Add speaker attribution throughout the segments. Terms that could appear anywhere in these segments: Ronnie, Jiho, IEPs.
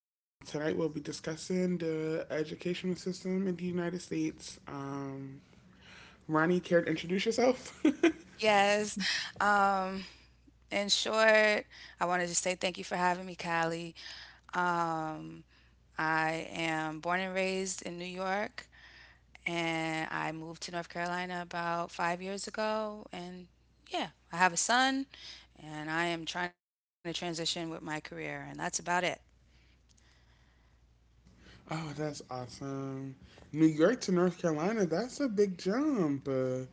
Speaker 1: Tonight we'll be discussing the educational system in the United States. Ronnie, care to introduce yourself?
Speaker 2: Yes. Um, in short, I want to just say thank you for having me, Callie. Um, I am born and raised in New York, and I moved to North Carolina about 5 years ago. And yeah, I have a son, and I am trying to transition with my career, and that's about it.
Speaker 1: Oh, that's awesome. New York to North Carolina, that's a big jump. Uh,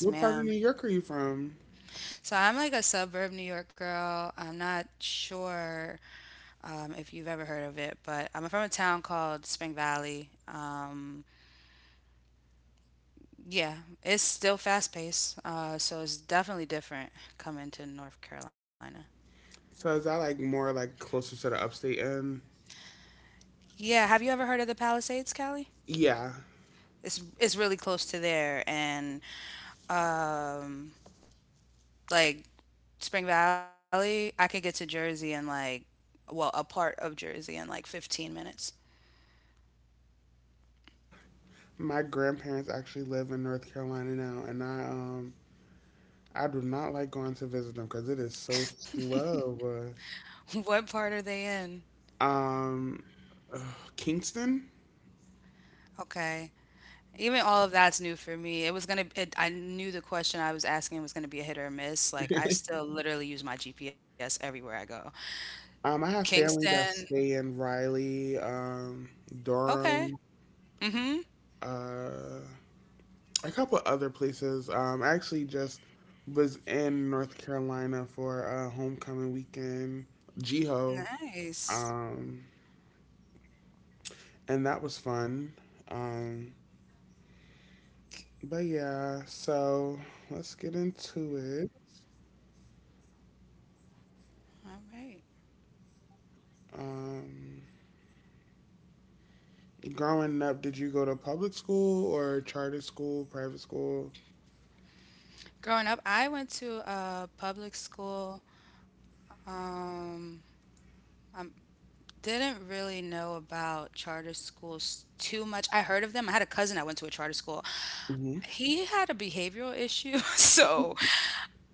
Speaker 1: what part of New
Speaker 2: Yes,
Speaker 1: York are you
Speaker 2: ma'am.
Speaker 1: from?
Speaker 2: So I'm like a suburb New York girl. I'm not sure if you've ever heard of it, but I'm from a town called Spring Valley. Yeah, it's still fast paced, so it's definitely different coming to North Carolina.
Speaker 1: So is that like more like closer to the upstate end?
Speaker 2: Yeah, have you ever heard of the Palisades,
Speaker 1: Yeah,
Speaker 2: Cali? It's really close to there, and um, like Spring Valley, I could get to Jersey in like, a part of Jersey in like 15 minutes.
Speaker 1: my grandparents actually live in North Carolina now, and I do not like going to visit them because it is so slow.
Speaker 2: What part are they
Speaker 1: uh,
Speaker 2: in?
Speaker 1: Um, ugh, Kingston.
Speaker 2: Okay. Even all of that's new for me. It was gonna. It, I knew the question I was asking was gonna be a hit or miss. Like I still literally use my GPS everywhere I go.
Speaker 1: I have family that stay
Speaker 2: Kingston.
Speaker 1: in Raleigh, Durham,
Speaker 2: Okay. Mm-hmm.
Speaker 1: uh, a couple other places. I actually just was in North Carolina for a homecoming weekend, Jiho, um,
Speaker 2: Nice.
Speaker 1: and that was fun. Um, but yeah, so let's get into it.
Speaker 2: All right.
Speaker 1: Um, growing up, did you go to public school or charter school, private school?
Speaker 2: Growing up, I went to a public school. Um, I didn't really know about charter schools too much. I heard of them. I had a cousin that went to a charter school.
Speaker 1: Hmm.
Speaker 2: He had a behavioral issue, so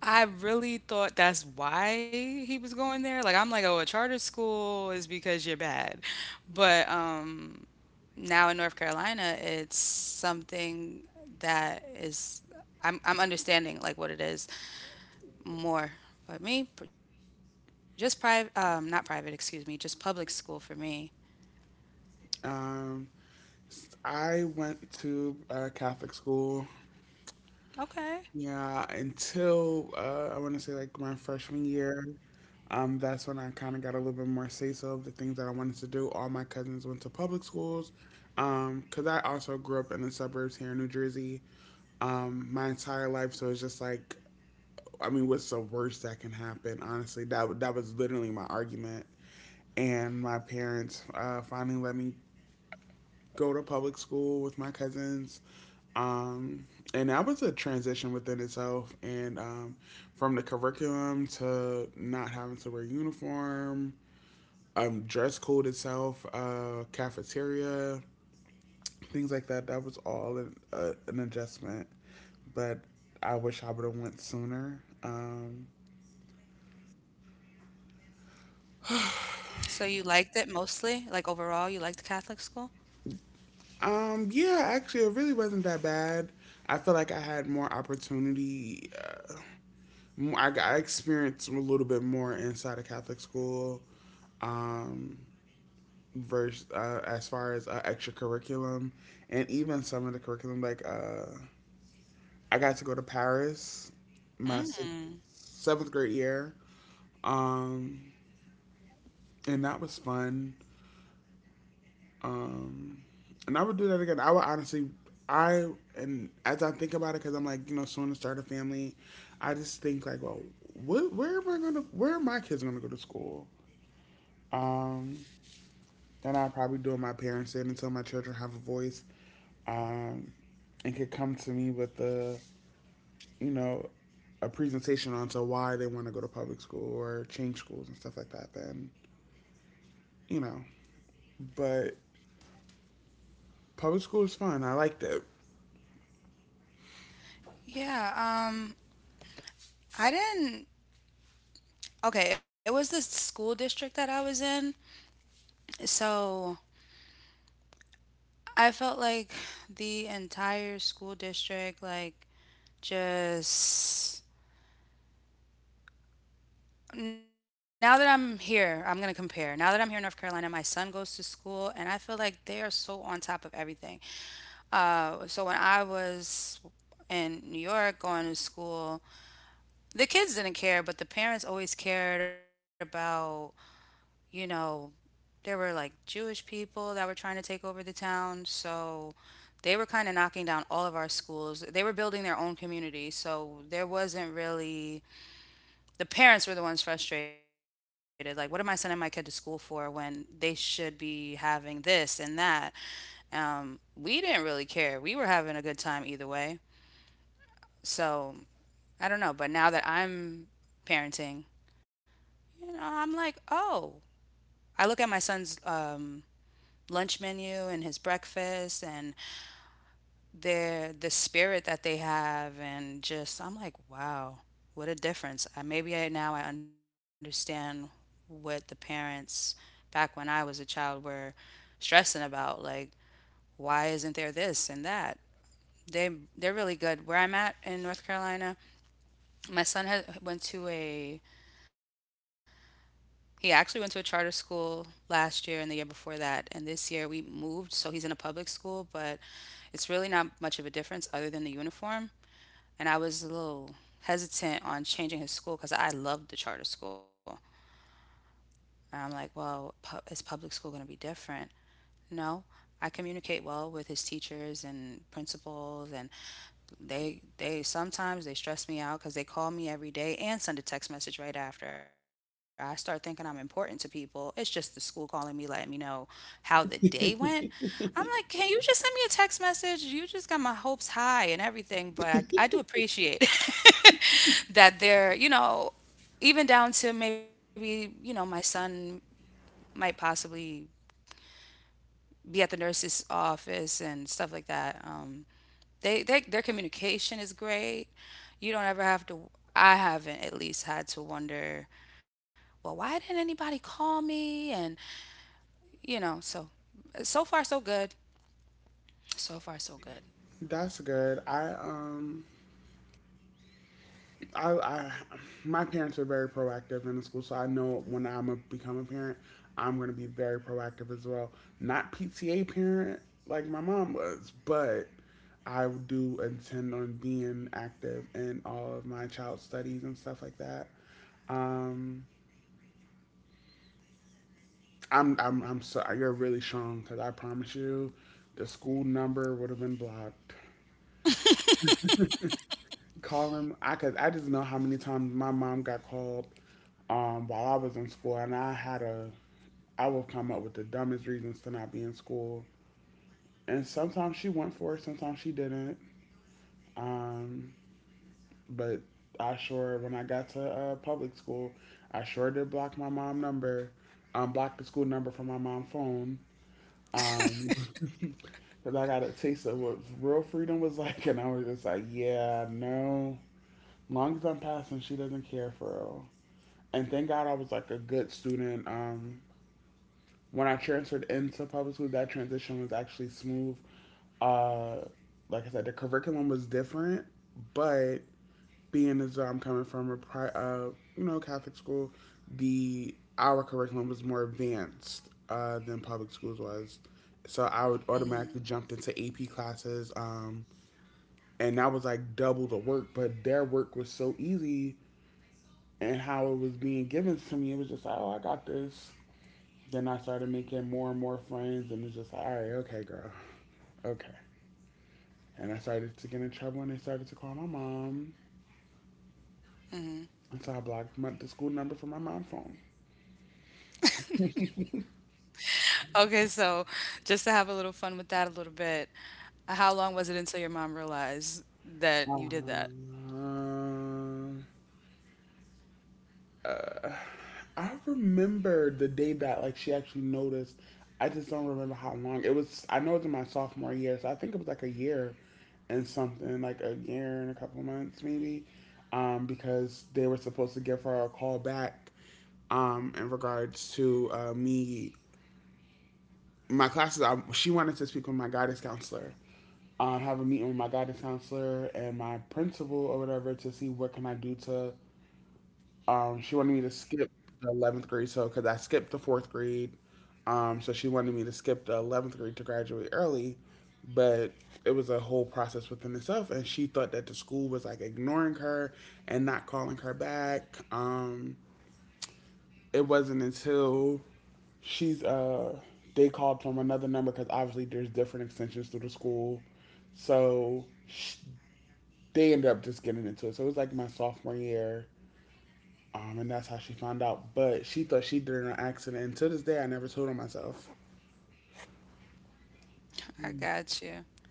Speaker 2: I really thought that's why he was going there. Like I'm like, oh, a charter school is because you're bad, but Now in North Carolina, it's something that is I'm understanding like what it is more. But me, just private, not private, excuse me, just public school for me.
Speaker 1: Um, I went to a Catholic school.
Speaker 2: Okay.
Speaker 1: Yeah, until I want to say like my freshman year. That's when I kind of got a little bit more say so of the things that I wanted to do. All my cousins went to public schools. 'Cause I also grew up in the suburbs here in New Jersey. My entire life, so it's just like, I mean, what's the worst that can happen? Honestly, that was literally my argument. And my parents finally let me go to public school with my cousins. Um, and that was a transition within itself. And from the curriculum to not having to wear uniform, dress code itself, cafeteria, things like that. That was all an adjustment. But I wish I would have went sooner. Um,
Speaker 2: So you liked it mostly, like overall, you liked Catholic school?
Speaker 1: um, yeah, actually, it really wasn't that bad. I feel like I had more opportunity. I experienced a little bit more inside a Catholic school, um, versus as far as extracurriculum, and even some of the curriculum. Like I got to go to Paris my sixth, seventh
Speaker 2: Mm.
Speaker 1: grade year, um, and that was fun. Um, and I would do that again. I would honestly, I and as I think about it, because I'm like, you know, soon to start a family, I just think like, well, what, where am I gonna, where are my kids gonna go to school? Um, that I'll probably do in my parents did until my children have a voice um, and could come to me with you know, a presentation on to why they want to go to public school or change schools and stuff like that, then, you know. But public school is fun. I liked it.
Speaker 2: Yeah, um, I didn't. Okay, it was the school district that I was in. So I felt like the entire school district, like, just now that I'm here, I'm gonna compare. Now that I'm here in North Carolina, my son goes to school, and I feel like they are so on top of everything. So when I was in New York going to school, the kids didn't care, but the parents always cared about, you know, there were like Jewish people that were trying to take over the town, so they were kind of knocking down all of our schools. They were building their own community, so there wasn't really the parents were the ones frustrated. Like, what am I sending my kid to school for when they should be having this and that? We didn't really care. We were having a good time either way. So I don't know. But now that I'm parenting, you know, I'm like, oh, I look at my son's lunch menu and his breakfast and their the spirit that they have and just I'm like, wow, what a difference. I, maybe I Now I understand what the parents back when I was a child were stressing about like why isn't there this and that. They they're really good. Where I'm at in North Carolina, my son has went to a he actually went to a charter school last year and the year before that, and this year we moved so he's in a public school, but it's really not much of a difference other than the uniform, and I was a little hesitant on changing his school because I loved the charter school. And I'm like, well, is public school going to be different? No, I communicate well with his teachers and principals, and they sometimes they stress me out because they call me every day and send a text message right after. I start thinking I'm important to people. It's just the school calling me, letting me know how the day went. I'm like, can you just send me a text message? You just got my hopes high and everything, but I do appreciate it. That they're, you know, even down to maybe, you know, my son might possibly be at the nurse's office and stuff like that. They their communication is great. You don't ever have to. I haven't at least had to wonder, well, why didn't anybody call me? And you know, so so far so good. So far so good.
Speaker 1: That's good. I My parents are very proactive in the school, so I know when become a parent, I'm going to be very proactive as well. Not PTA parent like my mom was, but I do intend on being active in all of my child studies and stuff like that. Um, I'm sorry, you're really strong because I promise you, the school number would have been blocked. Calling, I cause I just know how many times my mom got called while I was in school, and I would come up with the dumbest reasons to not be in school, and sometimes she went for it, sometimes she didn't. Um, but I sure, when I got to public school, I sure did block my mom number, block the school number from my mom's phone. Um, cause I got a taste of what real freedom was like, and I was just like, yeah, no, long as I'm passing, she doesn't care for real. And thank God I was like a good student. When I transferred into public school, that transition was actually smooth. Uh, like I said, the curriculum was different, but being as I'm coming from a Catholic school, the our curriculum was more advanced than public schools was. So I would automatically jump into AP classes, and that was like double the work. But their work was so easy, and how it was being given to me, it was just like, oh, I got this. Then I started making more and more friends, and it's just like, all right, okay, girl, okay. And I started to get in trouble, and they started to call my mom,
Speaker 2: Hmm.
Speaker 1: and so I blocked the school number from my mom's phone.
Speaker 2: Okay, so just to have a little fun with that a little bit, how long was it until your mom realized that you did that?
Speaker 1: Um, I remember the day that like she actually noticed. I just don't remember how long it was. I know it was in my sophomore year, so I think it was like a year and something, like a year and a couple of months maybe, because they were supposed to give her a call back in regards to me my classes. She wanted to speak with my guidance counselor. Have a meeting with my guidance counselor and my principal or whatever to see what can I do to. She wanted me to skip the 11th grade, so because I skipped the fourth grade, so she wanted me to skip the 11th grade to graduate early, but it was a whole process within itself, and she thought that the school was like ignoring her and not calling her back. It wasn't until she's they called from another number because obviously there's different extensions through the school, so sh they ended up just getting into it. So it was like my sophomore year, and that's how she found out. But she thought she did it in an accident. And to this day, I never told on myself.
Speaker 2: I got you.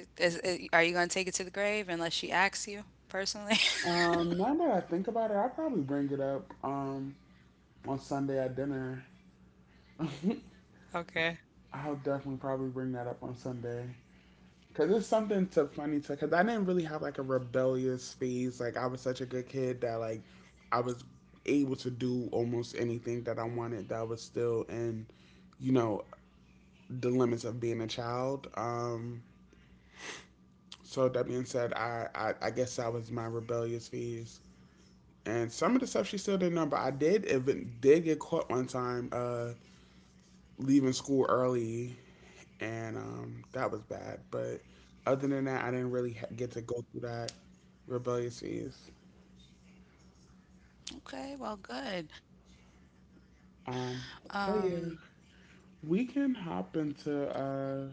Speaker 2: Yeah, are you going to take it to the grave unless she asks you personally?
Speaker 1: Now that I think about it, I'll probably bring it up on Sunday at dinner.
Speaker 2: Okay.
Speaker 1: I'll definitely probably bring that up on Sunday. Because it's something to funny to, because I didn't really have like a rebellious phase. Like, I was such a good kid that, like, I was able to do almost anything that I wanted that was still in, you know, the limits of being a child. So that being said, I guess that was my rebellious phase. And some of the stuff she still didn't know, but I did even did get caught one time leaving school early, and that was bad. But other than that, I didn't really get to go through that rebellious phase.
Speaker 2: Okay, well, good.
Speaker 1: Um,
Speaker 2: Um,
Speaker 1: but yeah, we can hop into. Uh,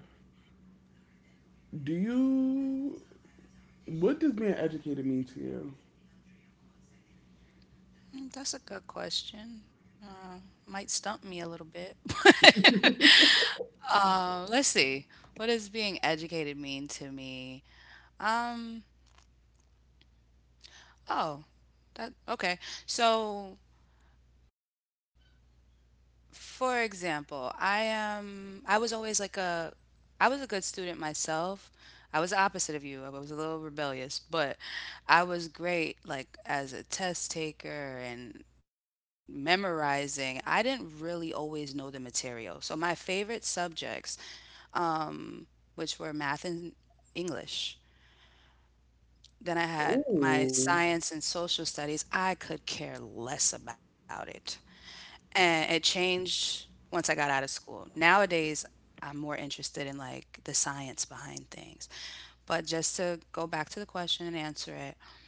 Speaker 1: do you? What does being educated mean to you?
Speaker 2: that's a good question. Might stump me a little bit. Let's see. What does being educated mean to me? Um, oh, that Okay. So for example, I am I was always like a I was a good student myself. I was the opposite of you. I was a little rebellious, but I was great like as a test taker and memorizing. I didn't really always know the material. So my favorite subjects, which were math and English, then I had
Speaker 1: Ooh.
Speaker 2: my science and social studies. I could care less about it. And it changed once I got out of school. Nowadays, I'm more interested in like the science behind things. But just to go back to the question and answer it,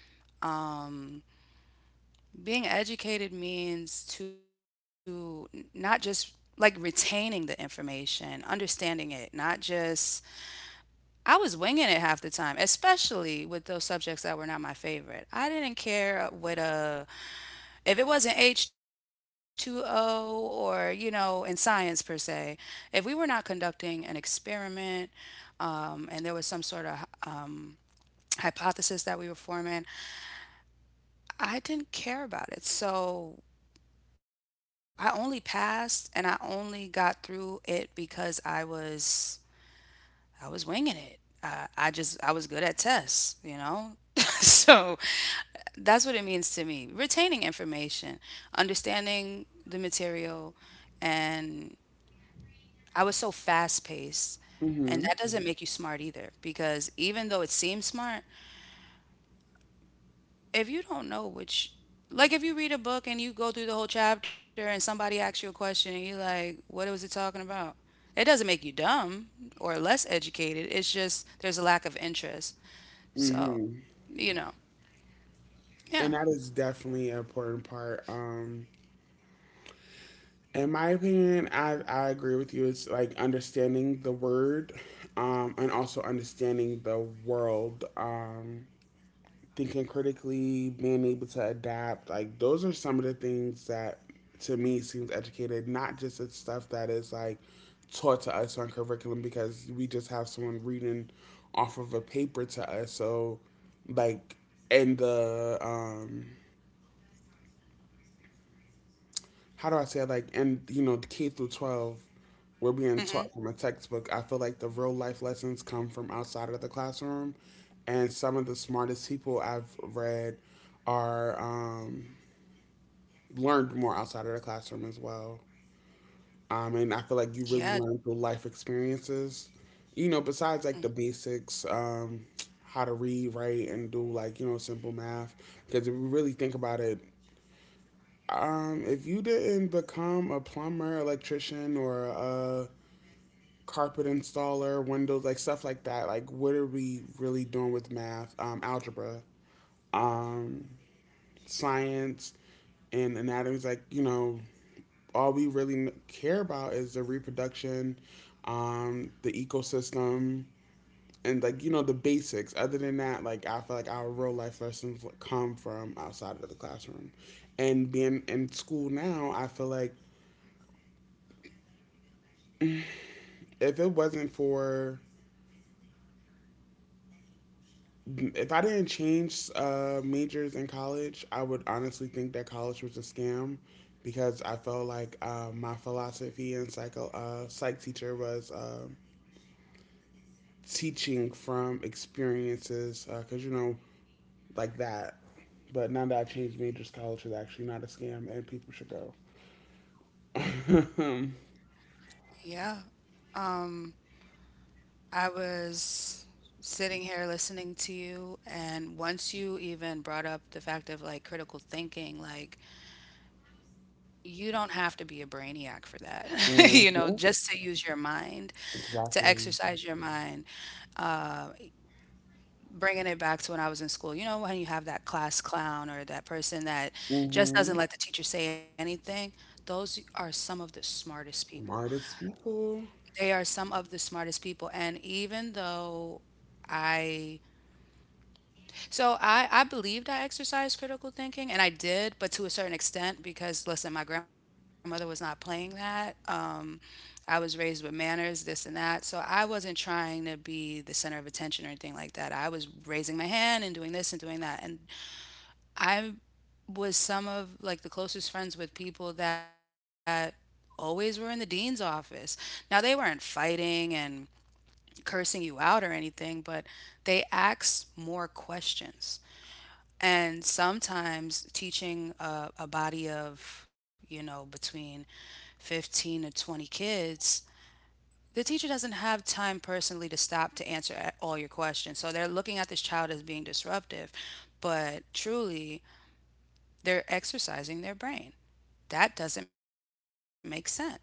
Speaker 2: being educated means to not just like retaining the information, understanding it, not just I was winging it half the time, especially with those subjects that were not my favorite. I didn't care what a if it wasn't H2O or, you know, in science per se, if we were not conducting an experiment and there was some sort of hypothesis that we were forming, I didn't care about it. So I only passed and I only got through it because I was winging it. I was good at tests, you know. So that's what it means to me. Retaining information, understanding the material, and I was so fast paced. And that doesn't make you smart either, because even though it seems smart, if you don't know which, like if you read a book and you go through the whole chapter and somebody asks you a question and you're like, what was it talking about? It doesn't make you dumb or less educated. It's just there's a lack of interest. So,
Speaker 1: Mhm.
Speaker 2: you know,
Speaker 1: And that
Speaker 2: yeah.
Speaker 1: is definitely an important part. In my opinion, I agree with you. It's like understanding the word and also understanding the world. Thinking critically, being able to adapt. Like, those are some of the things that to me seems educated, not just it's stuff that is like taught to us on curriculum because we just have someone reading off of a paper to us. So, like, in the. How do I say it? Like and you know the K through 12 we're being
Speaker 2: Hmm.
Speaker 1: taught from a textbook. I feel like the real life lessons come from outside of the classroom, and some of the smartest people I've read are learned more outside of the classroom as well. And I feel
Speaker 2: Yeah.
Speaker 1: like you really learn through life experiences. You know, besides
Speaker 2: Mm.
Speaker 1: like the basics, how to read, write, and do like you know simple math. Because if we really think about it, if you didn't become a plumber, electrician, or a carpet installer, windows, like stuff like that, like what are we really doing with math, algebra, um, science, and anatomy? Like, you know, all we really care about is the reproduction, the ecosystem, and like, you know, the basics. Other than that, like, I feel like our real life lessons come from outside of the classroom. And being in school now, I feel like if it wasn't for if I didn't change majors in college, I would honestly think that college was a scam because I felt like my philosophy and psych teacher was teaching from experiences because you know like that. But now that I changed majors, college is actually not a scam, and people should go. Hmm.
Speaker 2: Yeah. Um, I was sitting here listening to you, and once you even brought up the fact of like critical thinking, like you don't have to be a brainiac for that, you know,
Speaker 1: Mm-hmm.
Speaker 2: just to use your mind, to
Speaker 1: Exactly.
Speaker 2: exercise your mind, bringing it back to when I was in school. You know, when you have that class clown or that person that
Speaker 1: Mm-hmm.
Speaker 2: just doesn't let the teacher say anything, those are some of the smartest people.
Speaker 1: Smartest people.
Speaker 2: They are some of the smartest people. And even though I So I believed I exercised critical thinking, and I did, but to a certain extent because listen, my grandmother was not playing that. I was raised with manners, this and that, so I wasn't trying to be the center of attention or anything like that. I was raising my hand and doing this and doing that, and I was some of like the closest friends with people that always were in the dean's office. Now they weren't fighting and cursing you out or anything, but they asked more questions. And sometimes teaching a body of, you know, between 15 to 20 kids, the teacher doesn't have time personally to stop to answer all your questions. So they're looking at this child as being disruptive, but truly they're exercising their brain. That doesn't make sense.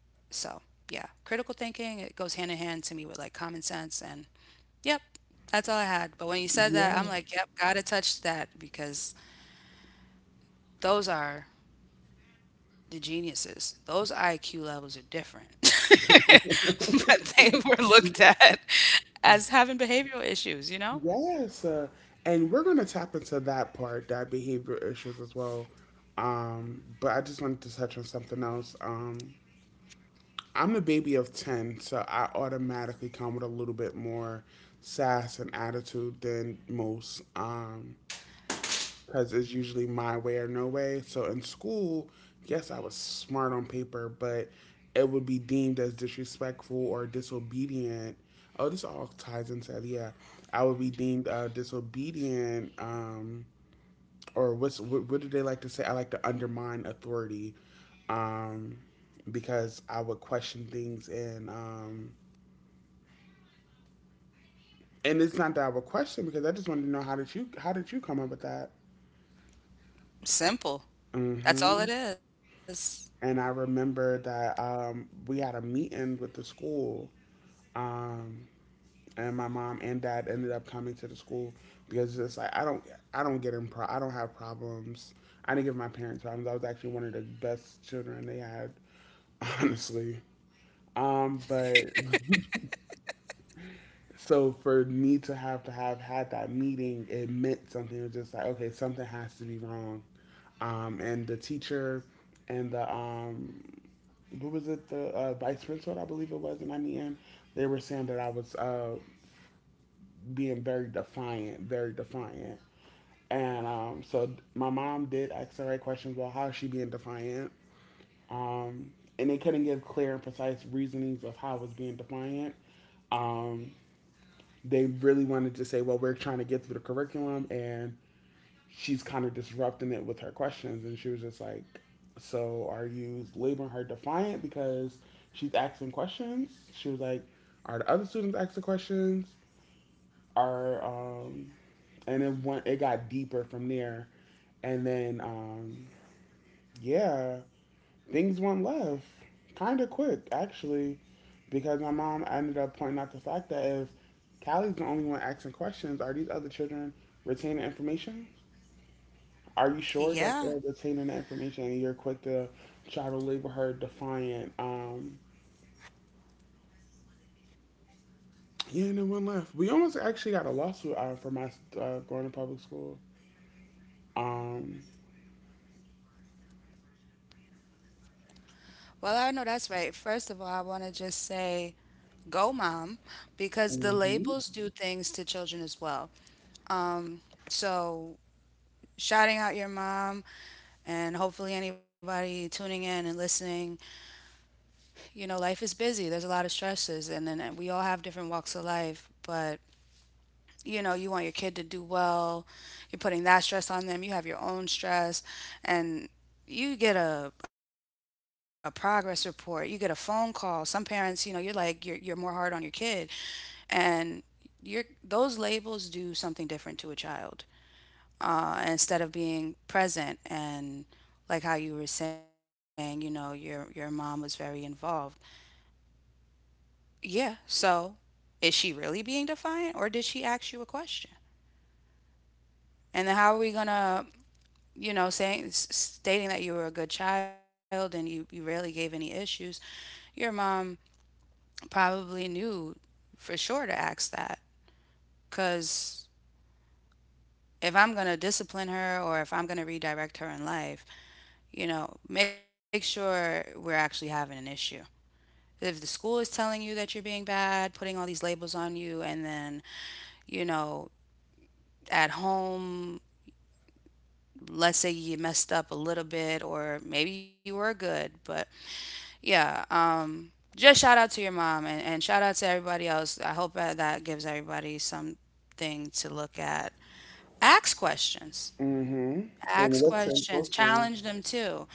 Speaker 2: So, yeah, critical thinking, it goes hand in hand to me with like common sense and yep, that's all I had. But when you said
Speaker 1: Yeah.
Speaker 2: that, I'm like, yep, gotta touch that because those are the geniuses. Those IQ levels are different. But they were looked at as having behavioral issues, you know?
Speaker 1: Yes, and we're going to tap into that part, that behavior issues as well. But I just wanted to touch on something else. I'm a baby of 10, so I automatically come with a little bit more sass and attitude than most. Because it's usually my way or no way. So in school, yes, I was smart on paper, but it would be deemed as disrespectful or disobedient. Oh, this all ties into it. Yeah. I would be deemed disobedient, or what do they like to say? I like to undermine authority, um, because I would question things and it's not that I would question because I just wanted to know how did you come up with that?
Speaker 2: Simple.
Speaker 1: Mm-hmm.
Speaker 2: That's all it is.
Speaker 1: And I remember that we had a meeting with the school, um, and my mom and dad ended up coming to the school because it's just like I don't have problems. I didn't give my parents problems. I was actually one of the best children they had, honestly. But so for me to have had that meeting, it meant something. It was just like, okay, something has to be wrong. And the teacher and the what was it, the Vice Rinshot, I believe it was, and I mean, they were saying that I was being very defiant, very defiant. And So my mom did ask the right questions. Well, how is she being defiant? Um, and they couldn't give clear and precise reasonings of how I was being defiant. Um, they really wanted to say, well, we're trying to get through the curriculum and she's kind of disrupting it with her questions. And she was just like, so are you labeling her defiant because she's asking questions? She was like, are the other students asking questions? Are, um, and it got deeper from there. And then, um, yeah, things went left kind of quick, actually, because my mom ended up pointing out the fact that if Callie's the only one asking questions, are these other children retaining information? Are you sure that
Speaker 2: Yeah.
Speaker 1: they're retaining that information and you're quick to try to label her defiant? Yeah, no one left. We almost actually got a lawsuit for my going to public school. Um,
Speaker 2: Well, I know that's right. First of all, I want to just say go mom because the
Speaker 1: mm-hmm.
Speaker 2: labels do things to children as well. Um, so Shouting out your mom and hopefully anybody tuning in and listening you know, life is busy. There's a lot of stresses, and then and we all have different walks of life. But you know, you want your kid to do well. You're putting that stress on them. You have your own stress, and you get a progress report. You get a phone call. Some parents, you know, you're like you're more hard on your kid, and your those labels do something different to a child instead of being present and like how you were saying you know your mom was very involved Yeah. So is she really being defiant or did she ask you a question? And then how are we going to, saying stating that you were a good child and you rarely gave any issues? Your mom probably knew for sure to ask that, because if I'm going to discipline her or if I'm going to redirect her in life, you know, make sure we're actually having an issue. If the school is telling you that you're being bad, putting all these labels on you, and then, you know, at home, let's say you messed up a little bit or maybe you were good but yeah. Just shout out to your mom, and shout out to everybody else. I hope that gives everybody something to look at. Ask questions.
Speaker 1: Mm-hmm. And
Speaker 2: Ask
Speaker 1: listen
Speaker 2: questions,
Speaker 1: closely.
Speaker 2: challenge them too.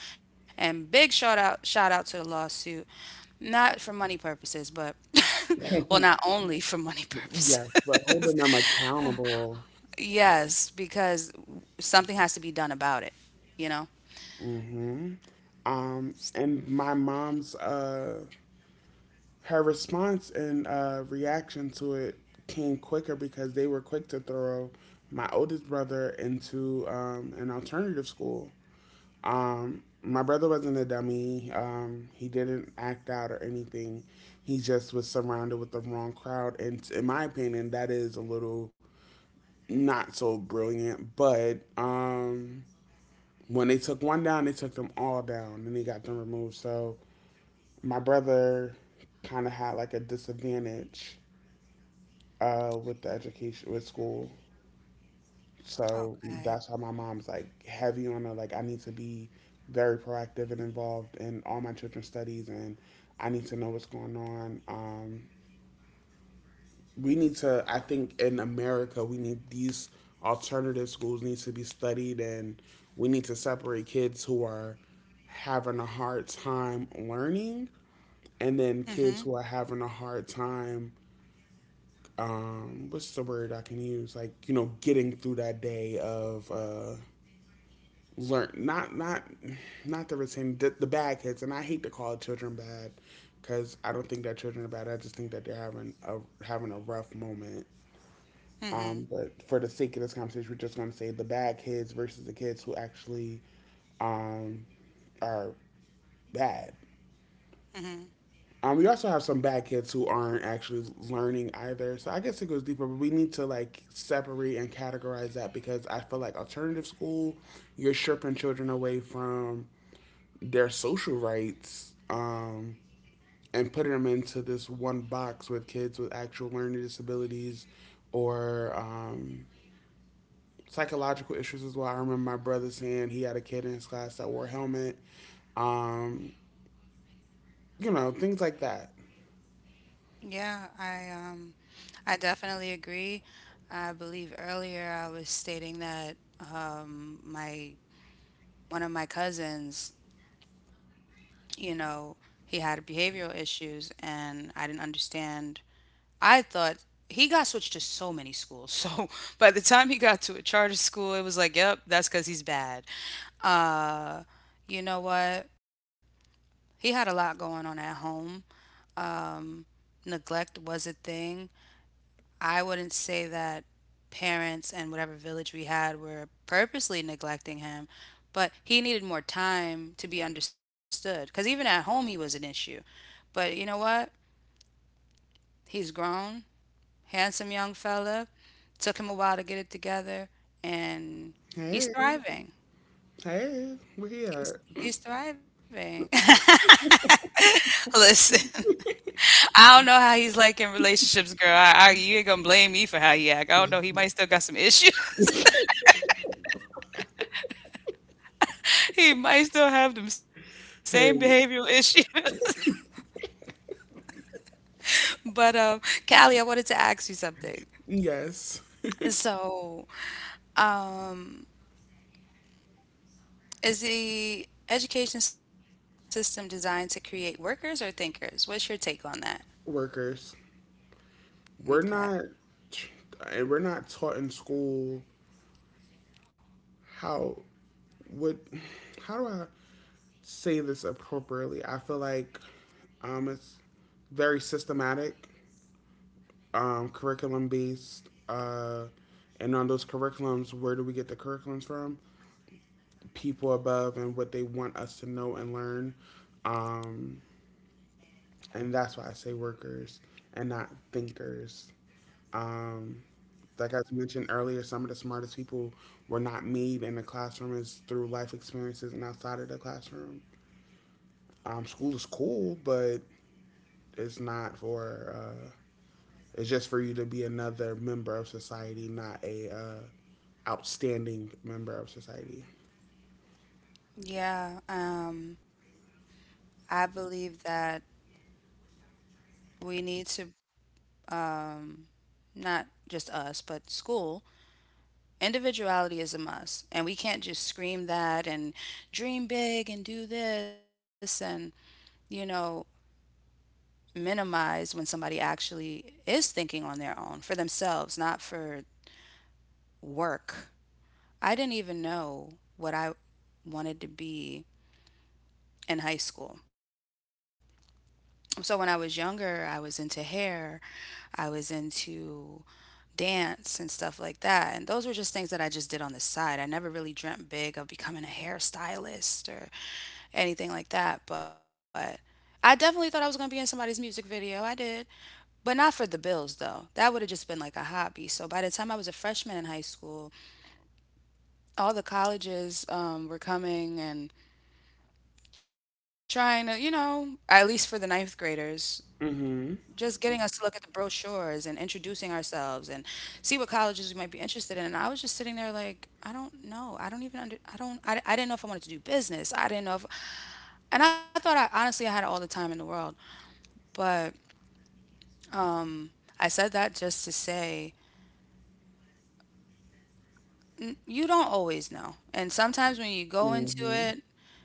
Speaker 2: And big shout out to the lawsuit, not for money purposes but well, not only for money purposes.
Speaker 1: Yes, but holding them accountable.
Speaker 2: Yes, because something has to be done about it, you know.
Speaker 1: Mm-hmm. And my mom's her response and reaction to it came quicker because they were quick to throw my oldest brother into an alternative school. My brother wasn't a dummy. He didn't act out or anything. He just was surrounded with the wrong crowd. And in my opinion, that is a little not so brilliant. But When they took one down, they took them all down and they got them removed. So my brother kind of had like a disadvantage with the education with school. So
Speaker 2: Okay.
Speaker 1: that's how my mom's like, heavy on her. Like, I need to be very proactive and involved in all my children's studies, and I need to know what's going on. We need to. I think in America, we need these alternative schools need to be studied, and we need to separate kids who are having a hard time learning and then
Speaker 2: Mm-hmm.
Speaker 1: kids who are having a hard time what's the word I can use? Like, you know, getting through that day of learn not the retain the bad kids, and I hate to call children bad because I don't think that children are bad. I just think that they're having a rough moment.
Speaker 2: Mm-hmm.
Speaker 1: But for the sake of this conversation, we're just going to say the bad kids versus the kids who actually um, are bad.
Speaker 2: Mm-hmm.
Speaker 1: We also have some bad kids who aren't actually learning either. So I guess it goes deeper, but we need to like separate and categorize that because I feel like alternative school, you're stripping children away from their social rights and putting them into this one box with kids with actual learning disabilities or psychological issues as well. I remember my brother saying he had a kid in his class that wore a helmet. Um, you know, things like that.
Speaker 2: Yeah, I definitely agree. I believe earlier I was stating that my one of my cousins, you know, he had behavioral issues, and I didn't understand. I thought he got switched to so many schools. So by the time he got to a charter school, it was like, yep, that's because he's bad. Uh, you know what? He had a lot going on at home. Neglect was a thing. I wouldn't say that parents and whatever village we had were purposely neglecting him, but he needed more time to be understood. Because even at home, he was an issue. But you know what? He's grown, handsome young fella. Took him a while to get it together, and
Speaker 1: Hey,
Speaker 2: he's thriving.
Speaker 1: hey, we're here.
Speaker 2: He's he's thriving. Listen, I don't know how he's like in relationships, girl. I you ain't gonna blame me for how he act. I don't know. He might still got some issues. He might still have them same
Speaker 1: Hey,
Speaker 2: behavioral issues. But Callie, I wanted to ask you something.
Speaker 1: yes,
Speaker 2: So, um, is the education system designed to create workers or thinkers? What's your take on that?
Speaker 1: workers. We're
Speaker 2: Okay.
Speaker 1: not, and we're not taught in school how would how do I say this appropriately? I feel like it's very systematic, curriculum based, and on those curriculums, where do we get the curriculums from? People above and what they want us to know and learn, um, and that's why I say workers and not thinkers. Um, like I mentioned earlier, some of the smartest people were not made in the classroom, is through life experiences and outside of the classroom. School is cool, but it's not for. It's just for you to be another member of society, not a outstanding member of society.
Speaker 2: Yeah, I believe that we need to, um, not just us, but school. Individuality is a must, and we can't just scream that and dream big and do this and, you know, minimize when somebody actually is thinking on their own for themselves, not for work. I didn't even know what I wanted to be in high school. So when I was younger, I was into hair, I was into dance and stuff like that. And those were just things that I just did on the side. I never really dreamt big of becoming a hairstylist or anything like that, but I definitely thought I was going to be in somebody's music video. I did. But not for the bills, though. That would have just been like a hobby. So by the time I was a freshman in high school, all the colleges were coming and trying to, you know, at least for the ninth graders,
Speaker 1: Mhm.
Speaker 2: just getting us to look at the brochures and introducing ourselves and see what colleges we might be interested in. And I was just sitting there like, I don't know. I don't even under. I don't. I didn't know if I wanted to do business. I didn't know if. And I thought, I honestly I had all the time in the world. But I said that just to say, you don't always know. And sometimes when you go
Speaker 1: Mhm.
Speaker 2: into it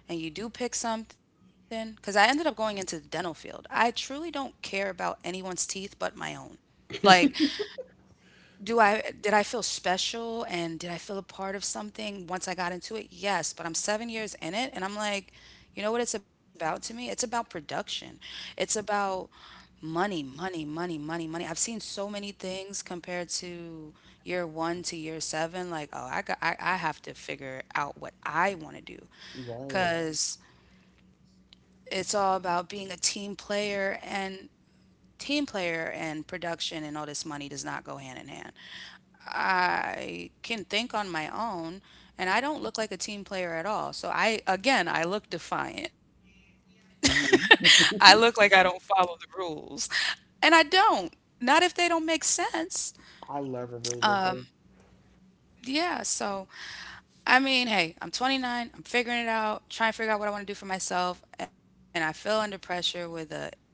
Speaker 2: and you do pick something, because I ended up going into the dental field, I truly don't care about anyone's teeth but my own. Like, do I did I feel special and did I feel a part of something once I got into it? Yes, but I'm 7 years in it and I'm like, you know what it's about to me? It's about production. It's about money, money, money, money, money. I've seen so many things compared to year 1 to year 7 like, oh, I have to figure out what I want to do
Speaker 1: Right.
Speaker 2: cuz it's all about being a team player and production, and all this money does not go hand in hand. Can think on my own, and I don't look like a team player at all. So I again, I look defiant.
Speaker 1: Mhm.
Speaker 2: I look like I don't follow the rules. And I don't. Not if they don't make sense.
Speaker 1: I love a rubric.
Speaker 2: Yeah, so I mean, hey, I'm 29, I'm figuring it out, trying to figure out what I want to do for myself, and I feel under pressure with a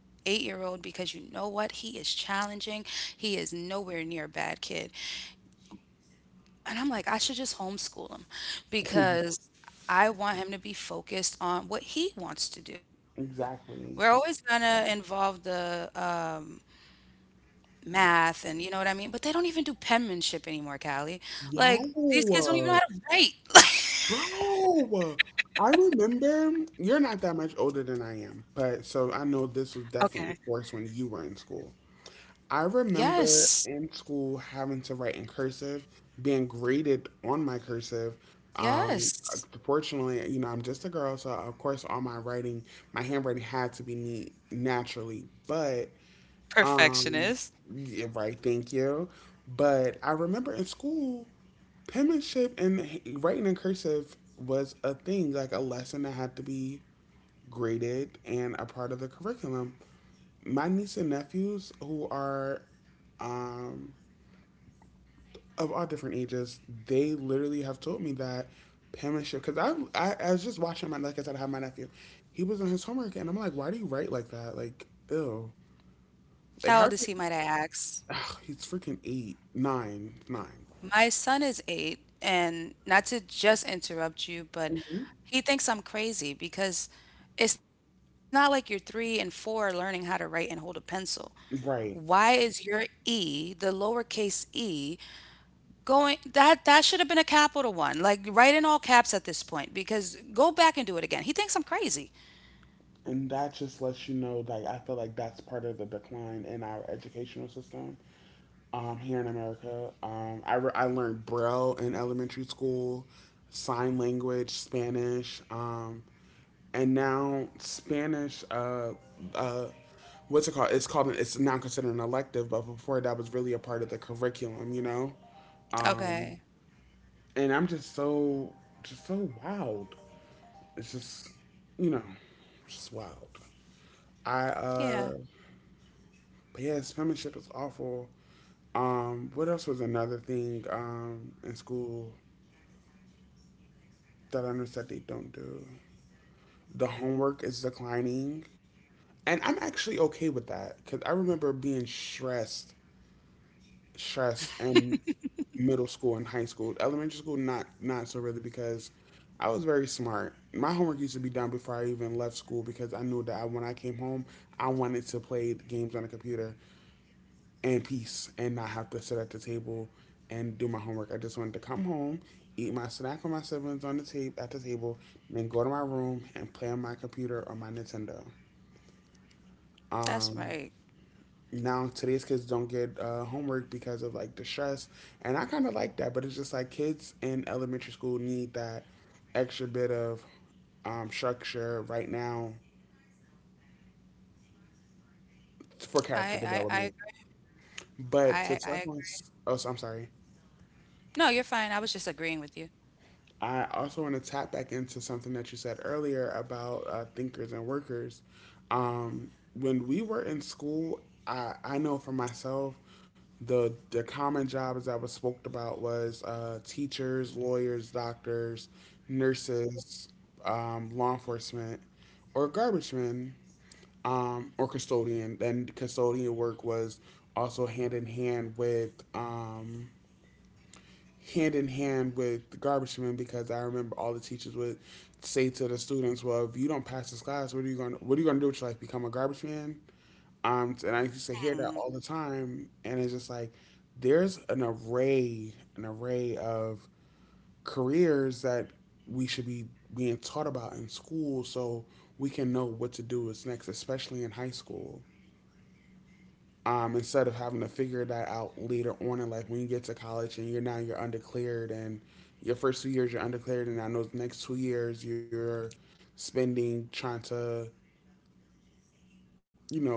Speaker 2: 8-year-old because you know what? He is challenging. He is nowhere near a bad kid. And I'm like, I should just homeschool him because I want him to be focused on what he wants to do.
Speaker 1: Exactly.
Speaker 2: We're always gonna involve the math and you know what I mean, but they don't even do penmanship anymore, Callie. Like,
Speaker 1: Yo.
Speaker 2: these kids don't even know how to write.
Speaker 1: Bro, I remember you're not that much older than I am, but so I know this was
Speaker 2: Okay.
Speaker 1: definitely worse when you were in school. I remember
Speaker 2: Yes,
Speaker 1: in school having to write in cursive, being graded on my cursive. Um,
Speaker 2: yes.
Speaker 1: Proportionally, you know, I'm just a girl, so of course all my writing, my handwriting had to be neat naturally, but um,
Speaker 2: Perfectionist.
Speaker 1: yeah, right, thank you. But I remember in school, penmanship and writing in cursive was a thing, like a lesson that had to be graded and a part of the curriculum. My niece and nephews, who are um, of all different ages, they literally have told me that penmanship. I was just watching my, like I said, I have my nephew. He was on his homework, and I'm like, why do you write like that? Like, ew. Like, how?
Speaker 2: How old is he, might I ask?
Speaker 1: Ugh, he's freaking eight, nine.
Speaker 2: My son is eight, and not to just interrupt you, but he thinks I'm crazy because it's not like you're three and four are learning how to write and hold a pencil.
Speaker 1: Right.
Speaker 2: Why is your E, the lowercase e, going that should have been a capital one. Like, write in all caps at this point, because go back and do it again. He thinks I'm crazy.
Speaker 1: And that just lets you know, like, I feel like that's part of the decline in our educational system here in America. I learned Braille in elementary school, sign language, Spanish, and now Spanish. Uh, what's it called? It's called. It's now considered an elective, but before that was really a part of the curriculum. You know. Um,
Speaker 2: Okay.
Speaker 1: and I'm just so wild. It's just you know, just wild. I
Speaker 2: Yeah,
Speaker 1: but yeah, penmanship is awful. What else was another thing in school that I noticed that they don't do? The homework is declining. And I'm actually okay with that because I remember being stressed stress in middle school and high school. Elementary school, not so really because I was very smart. My homework used to be done before I even left school because I knew that when I came home, I wanted to play games on the computer and peace and not have to sit at the table and do my homework. I just wanted to come home, eat my snack with my siblings on the table at the table, and then go to my room and play on my computer or my Nintendo.
Speaker 2: that's right.
Speaker 1: Now today's kids don't get homework because of like the stress, and I kind of like that, but it's just like kids in elementary school need that extra bit of structure right now for
Speaker 2: I
Speaker 1: character
Speaker 2: I I
Speaker 1: development but to
Speaker 2: I
Speaker 1: touch on,
Speaker 2: agree.
Speaker 1: oh so I'm sorry.
Speaker 2: No, you're fine. I was just agreeing with you.
Speaker 1: I also want to tap back into something that you said earlier about thinkers and workers. When we were in school, I know for myself, the common jobs that was spoke about was teachers, lawyers, doctors, nurses, law enforcement, or garbage men, or custodian. And custodian work was also hand in hand with hand in hand with the garbage men because I remember all the teachers would say to the students, "Well, if you don't pass this class, what are you going? To what are you going to do with your life? Become a garbage man?" And I used to hear that all the
Speaker 2: Mhm.
Speaker 1: time, and it's just like there's an array of careers that we should be being taught about in school, so we can know what to do is next, especially in high school instead of having to figure that out later on in life when you get to college and you're now you're undeclared and your first 2 years you're undeclared, and I know the next 2 years you're spending trying to, you know,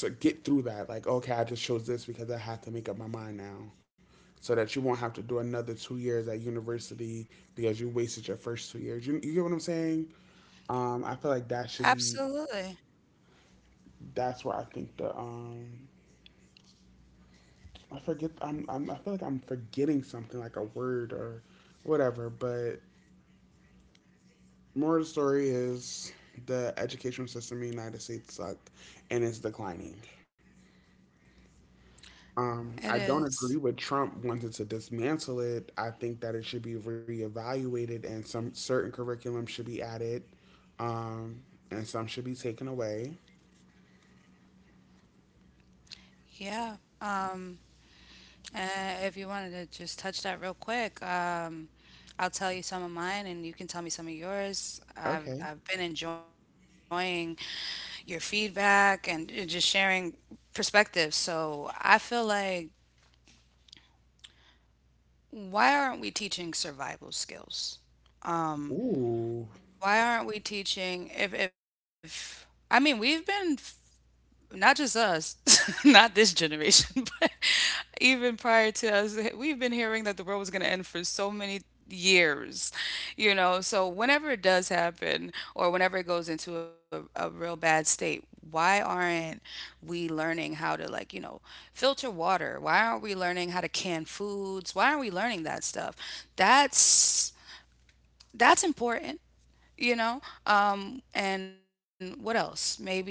Speaker 1: get through that, like, okay, I just chose this because I have to make up my mind now, so that you won't have to do another 2 years at university because you wasted your first 2 years, you get what I'm saying. I feel like that should
Speaker 2: Absolutely.
Speaker 1: be that's where I think the I forget. I feel like I'm forgetting something, like a word or whatever. But more of the story is the educational system in the United States sucked, and it's declining.
Speaker 2: It
Speaker 1: I don't
Speaker 2: is.
Speaker 1: agree with Trump wanting to dismantle it. I think that it should be reevaluated, and some certain curriculum should be added, um, and some should be taken away.
Speaker 2: Yeah. And if you wanted to just touch that real quick, I'll tell you some of mine and you can tell me some of yours.
Speaker 1: Okay.
Speaker 2: I've been enjoying your feedback and just sharing perspectives. So I feel like, why aren't we teaching survival skills? Um,
Speaker 1: Ooh.
Speaker 2: why aren't we teaching if I mean we've been not just us, not this generation, but even prior to us, we've been hearing that the world was going to end for so many years, you know. So, whenever it does happen, or whenever it goes into a real bad state, why aren't we learning how to, like, you know, filter water? Why aren't we learning how to can foods? Why aren't we learning that stuff? That's that's important, you know. And what else maybe.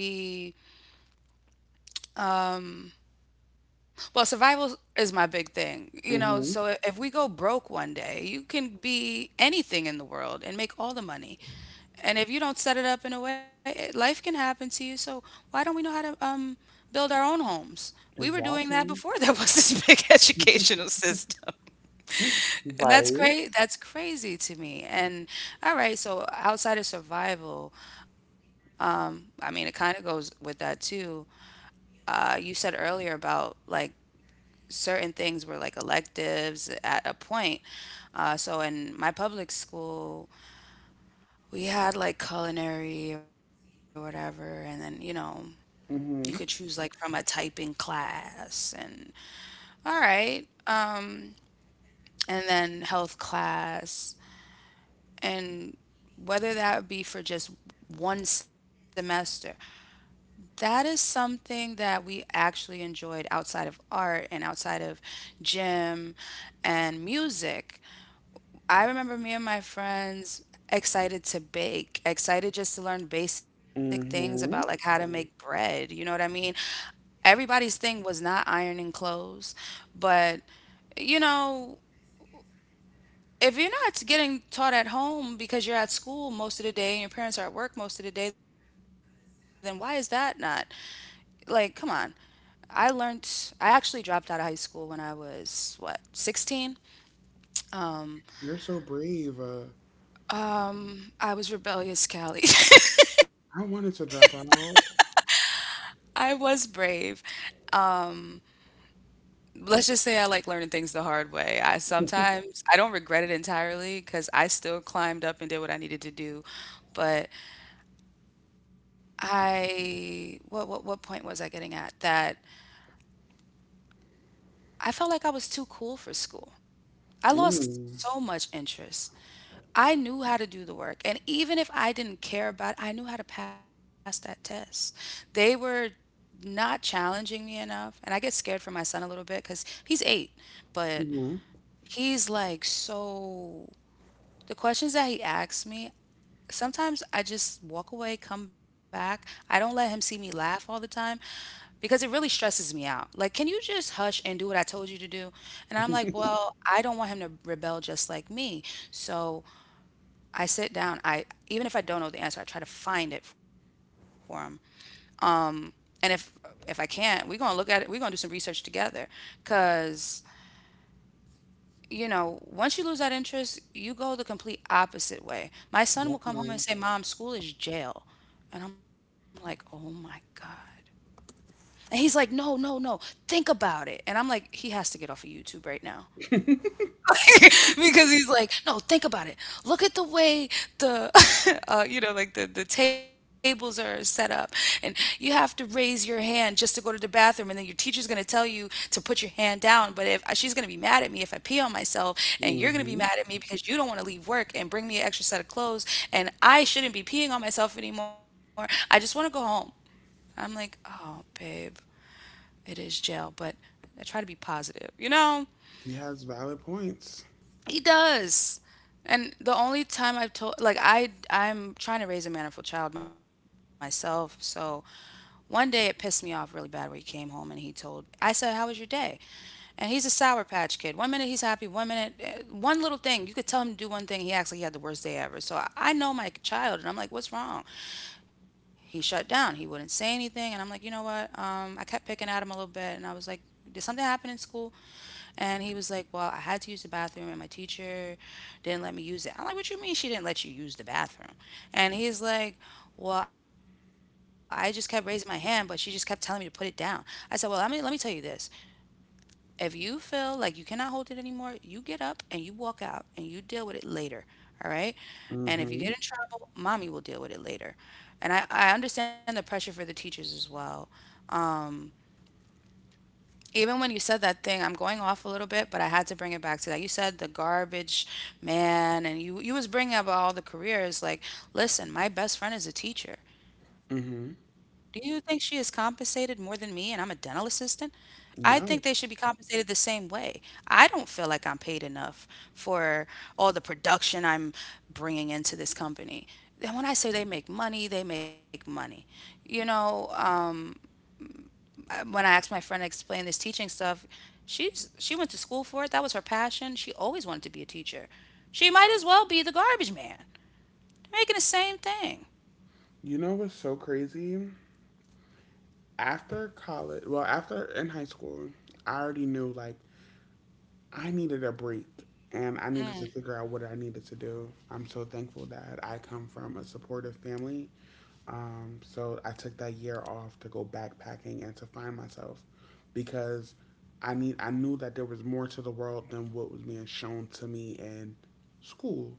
Speaker 2: Well, survival is my big thing. You know, so
Speaker 1: Mhm.
Speaker 2: if we go broke one day, you can be anything in the world and make all the money. And if you don't set it up in a way, life can happen to you. So why don't we know how to build our own homes? We were doing that
Speaker 1: Exactly.
Speaker 2: before there was this big educational system. And that's
Speaker 1: Right.
Speaker 2: great. That's crazy to me. And all right, so outside of survival, I mean, it kind of goes with that too. You said earlier about like certain things were like electives at a point. So in my public school, we had like culinary or whatever, and then you know you could choose
Speaker 1: Mhm.
Speaker 2: like from a typing class, and all right, and then health class, and whether that would be for just one semester. That is something that we actually enjoyed outside of art and outside of gym and music. I remember me and my friends excited to bake, excited just to learn basic things about like how to
Speaker 1: Mhm.
Speaker 2: make bread. You know what I mean? Everybody's thing was not ironing clothes, but you know, if you're not getting taught at home because you're at school most of the day and your parents are at work most of the day, then why is that not? Like, come on. I learned, I actually dropped out of high school when I was, what, 16?
Speaker 1: You're so brave.
Speaker 2: I was rebellious, Callie.
Speaker 1: I wanted to drop out.
Speaker 2: I was brave. Let's just say I like learning things the hard way. I sometimes I don't regret it entirely because I still climbed up and did what I needed to do. But I what point was I getting at? That I felt like I was too cool for school. I lost
Speaker 1: Mm.
Speaker 2: so much interest. I knew how to do the work. And even if I didn't care about it, I knew how to pass that test. They were not challenging me enough. And I get scared for my son a little bit because he's eight, but
Speaker 1: Hmm.
Speaker 2: he's like so. The questions that he asks me, sometimes I just walk away, come back. I don't let him see me laugh all the time because it really stresses me out. Like, can you just hush and do what I told you to do? And I'm like, well, I don't want him to rebel just like me. So I sit down. I even if I don't know the answer, I try to find it for him. And if I can't, we're gonna look at it. We're gonna do some research together, cause you know, once you lose that interest, you go the complete opposite way. My son will
Speaker 1: Definitely.
Speaker 2: come home and say, "Mom, school is jail." And I'm like, "Oh my God." And he's like, "No, no, no, think about it." And I'm like, he has to get off of YouTube right now. Because he's like, "No, think about it. Look at the way the, like the tables are set up, and you have to raise your hand just to go to the bathroom, and then your teacher's gonna tell you to put your hand down. But if she's gonna be mad at me if I pee on myself, and you're gonna be
Speaker 1: Hmm.
Speaker 2: mad at me because you don't want to leave work and bring me an extra set of clothes, and I shouldn't be peeing on myself anymore. I just want to go home." I'm like, "Oh, babe, it is jail, but I try to be positive,
Speaker 1: He has valid points.
Speaker 2: He does. And the only time I've told, like, I'm trying to raise a mannerful child myself. So one day it pissed me off really bad where he came home and he told, I said, "How was your day?" And he's a sour patch kid. One minute he's happy, one minute eh, one little thing. You could tell him to do one thing, he acts like he had the worst day ever. So I know my child and I'm like, "What's wrong?" He shut down. He wouldn't say anything, and I'm like, "You know what? I kept picking at him a little bit and I was like, "Did something happen in school?" And he was like, "Well, I had to use the bathroom and my teacher didn't let me use it." I'm like, "What you mean she didn't let you use the bathroom?" And he's like, "Well, I just kept raising my hand, but she just kept telling me to put it down." I said, "Well, let me tell you this. If you feel like you cannot hold it anymore, you get up and you walk out and you deal with it later. All right. And if you get in
Speaker 1: Hmm.
Speaker 2: trouble, mommy will deal with it later." And I understand the pressure for the teachers as well. Um, Even when you said that thing, I'm going off a little bit, but I had to bring it back to that. You said the garbage man, and you was bringing up all the careers. Like, listen, my best friend is a teacher. Do
Speaker 1: Hmm.
Speaker 2: you think she is compensated more than me, and I'm a dental assistant? I think they should be
Speaker 1: No.
Speaker 2: compensated the same way. I don't feel like I'm paid enough for all the production I'm bringing into this company. And when I say they make money, they make money. You know, when I asked my friend to explain this teaching stuff, she went to school for it. That was her passion. She always wanted to be a teacher. She might as well be the garbage man. They're making the same thing.
Speaker 1: You know what's so crazy? After college, well, after in high school, I already knew like I needed a break and I needed to figure out what I needed to do. I'm so thankful that I come from a supportive family. So I took that year off to go backpacking and to find myself because I knew that there was more to the world than what was being shown to me in school,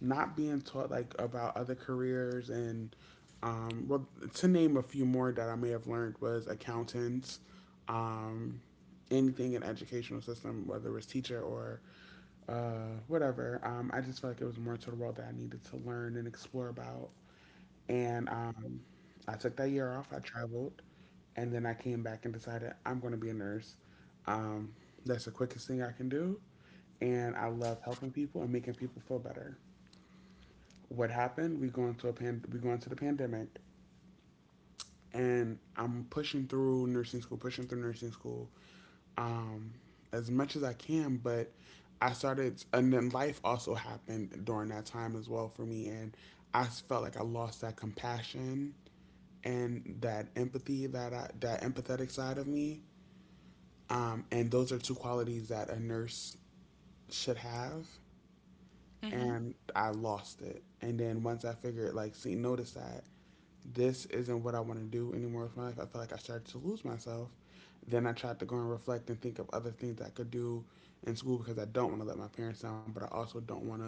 Speaker 1: not being taught like about other careers and um, well to name a few more that I may have learned was accountants, um, anything in educational system, whether it was teacher or whatever. I just felt like it was more to the world that I needed to learn and explore about. And I took that year off. I traveled, and then I came back and decided I'm going to be a nurse. Um, that's the quickest thing I can do, and I love helping people and making people feel better. What happened, we go into the pandemic, and I'm pushing through nursing school, pushing through nursing school, um, as much as I can. But I started and then life also happened during that time as well for me, and I felt like I lost that compassion and that empathy, that empathetic side of me. And those are two qualities that a nurse should have,
Speaker 2: Mm-hmm.
Speaker 1: and I lost it. And then once I figured, like, see, notice that this isn't what I want to do anymore with my life, I felt like I started to lose myself. Then I tried to go and reflect and think of other things I could do in school because I don't want to let my parents down, but I also don't want to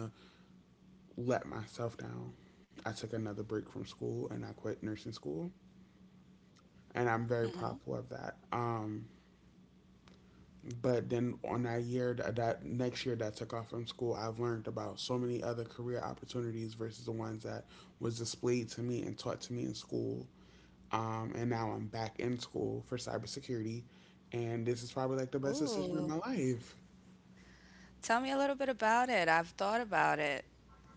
Speaker 1: let myself down. I took another break from school and I quit nursing school,
Speaker 2: Mm-hmm.
Speaker 1: and I'm very proud of that. But then on that year next year that took off from school, I've learned about so many other career opportunities versus the ones that was displayed to me and taught to me in school. And now I'm back in school for cybersecurity, and this is probably like the best
Speaker 2: Ooh,
Speaker 1: decision of my life.
Speaker 2: tell me a little bit about it. I've thought about it.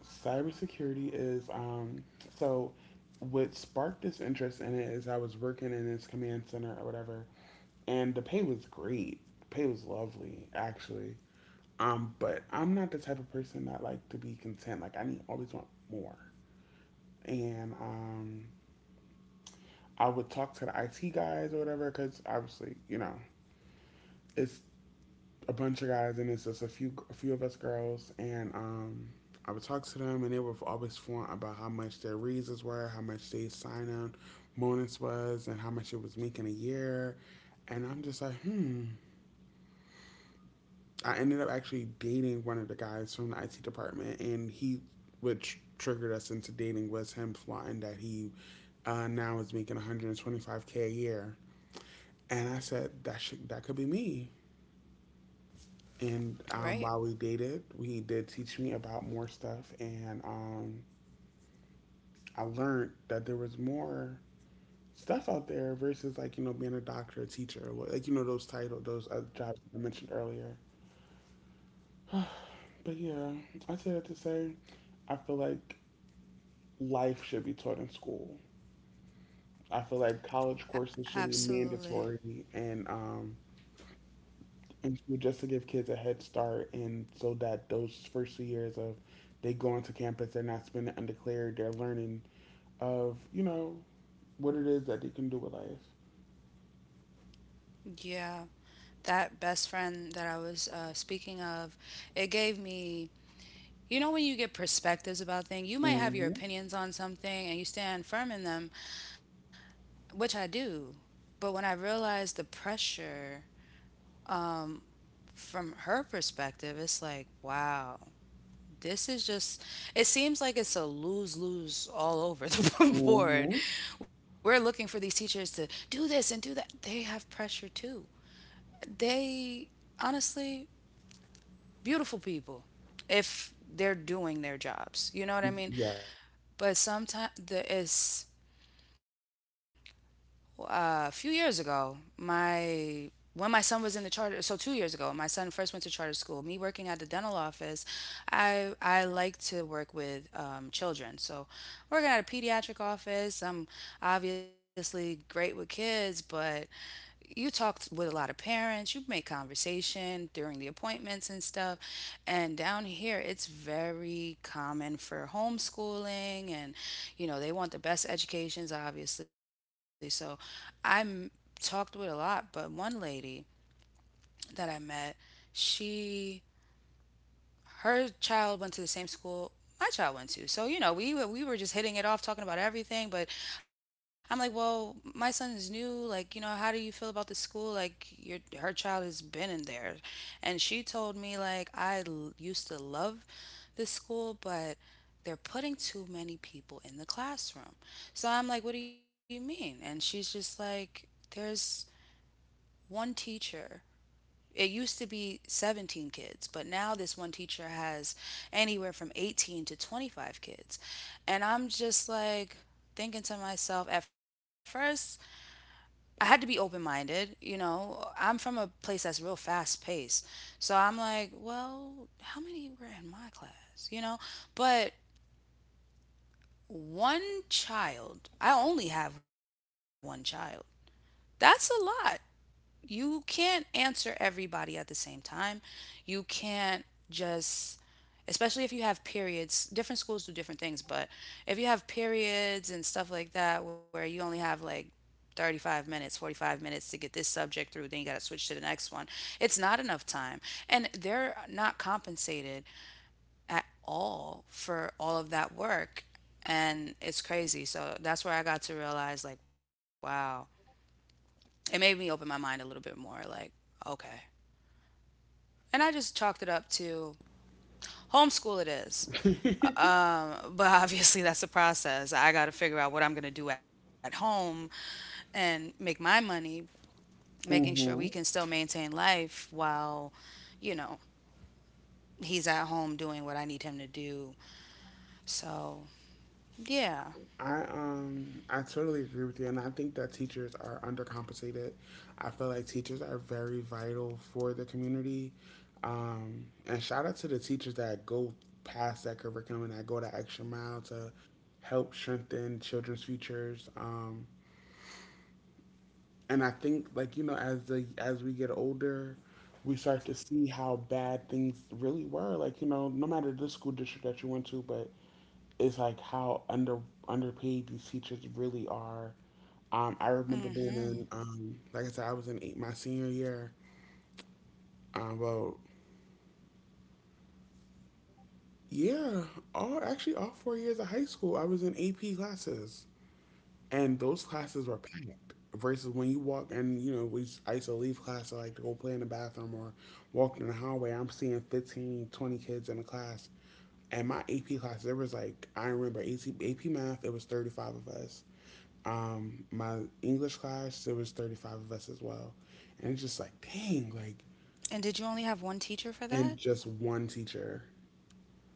Speaker 1: Cybersecurity is so what sparked this interest in it is I was working in this command center or whatever, and the pay was great. Pay was lovely, actually. But I'm not the type of person that like to be content. Like I need always want more. And I would talk to the IT guys or whatever because obviously you know it's a bunch of guys, and it's just a few of us girls, and I would talk to them, and they were always fluent about how much their raises were, how much they signed on bonus was, and how much it was making a year, and I'm just like, hmm. I ended up actually dating one of the guys from the IT department, and he which triggered us into dating was him flaunting that he now is making 125K a year, and I said that that could be me.
Speaker 2: Right.
Speaker 1: And while we dated, he did teach me about more stuff, and I learned that there was more stuff out there versus like you know being a doctor, a teacher, or like you know those those other jobs I mentioned earlier. But yeah, I say that to say, I feel like life should be taught in school. I feel like college courses should be
Speaker 2: Absolutely.
Speaker 1: mandatory, just to give kids a head start, and so that those first few years of they go into campus, they're not spending undeclared, they're learning of you know what it is that they can do with life.
Speaker 2: Yeah. That best friend that I was speaking of, it gave me, you know, when you get perspectives about things, you might have your
Speaker 1: Mm-hmm.
Speaker 2: opinions on something and you stand firm in them, which I do. But when I realized the pressure, um, from her perspective, it's like, wow, this is just, it seems like it's a lose lose all over the board.
Speaker 1: Mm-hmm.
Speaker 2: We're looking for these teachers to do this and do that. They have pressure too. They, honestly, beautiful people if they're doing their jobs. You know what I mean? But sometimes the, it's a few years ago, my when my son was in the charter, so 2 years ago, my son first went to charter school. Me working at the dental office, I like to work with children. So working at a pediatric office, I'm obviously great with kids, but you talked with a lot of parents, you make conversation during the appointments and stuff. And down here, it's very common for homeschooling and, you know, they want the best educations, obviously. So I talked with a lot, but one lady that I met, she her child went to the same school my child went to. So, you know, we were just hitting it off talking about everything, but I'm like, "Well, my son is new. Like, you know, how do you feel about the school? Like your her child has been in there." And she told me like, "I l- used to love this school, but they're putting too many people in the classroom." So, I'm like, "What do you mean?" And she's just like, "There's one teacher, it used to be 17 kids, but now this one teacher has anywhere from 18 to 25 kids." And I'm just like thinking to myself, at first, I had to be open minded. You know, I'm from a place that's real fast paced. So I'm like, well, how many were in my class? You know, but one child, I only have one child. That's a lot. You can't answer everybody at the same time. You can't just, especially if you have periods. Different schools do different things, but if you have periods and stuff like that where you only have like 35 minutes, 45 minutes to get this subject through, then you got to switch to the next one. It's not enough time. And they're not compensated at all for all of that work. And it's crazy. So that's where I got to realize, like, wow, it made me open my mind a little bit more. Like, okay. And I just chalked it up to homeschool it is. But obviously that's a process. I got to figure out what I'm going to do at home and make my money, making sure we can
Speaker 1: Mm-hmm.
Speaker 2: still maintain life while, you know, he's at home doing what I need him to do. So, yeah.
Speaker 1: I totally agree with you, and I think that teachers are undercompensated. I feel like teachers are very vital for the community, and shout out to the teachers that go past that curriculum and that go the extra mile to help strengthen children's futures. And I think like you know as the as we get older, we start to see how bad things really were. Like you know, no matter the school district that you went to, but it's like how underpaid these teachers really are. I remember
Speaker 2: Mhm.
Speaker 1: being in like I said, I was in eight, my senior year. Um, well, yeah, all actually all 4 years of high school, I was in AP classes. And those classes were packed. Versus when you walk and you know I used to leave class to like to go play in the bathroom or walk in the hallway. I'm seeing 15, 20 kids in a class, and my AP class there was like I remember AC, AP math it was 35 of us. My English class there was 35 of us as well, and it's just like dang, like
Speaker 2: And did you only have one teacher for that?
Speaker 1: and just one teacher.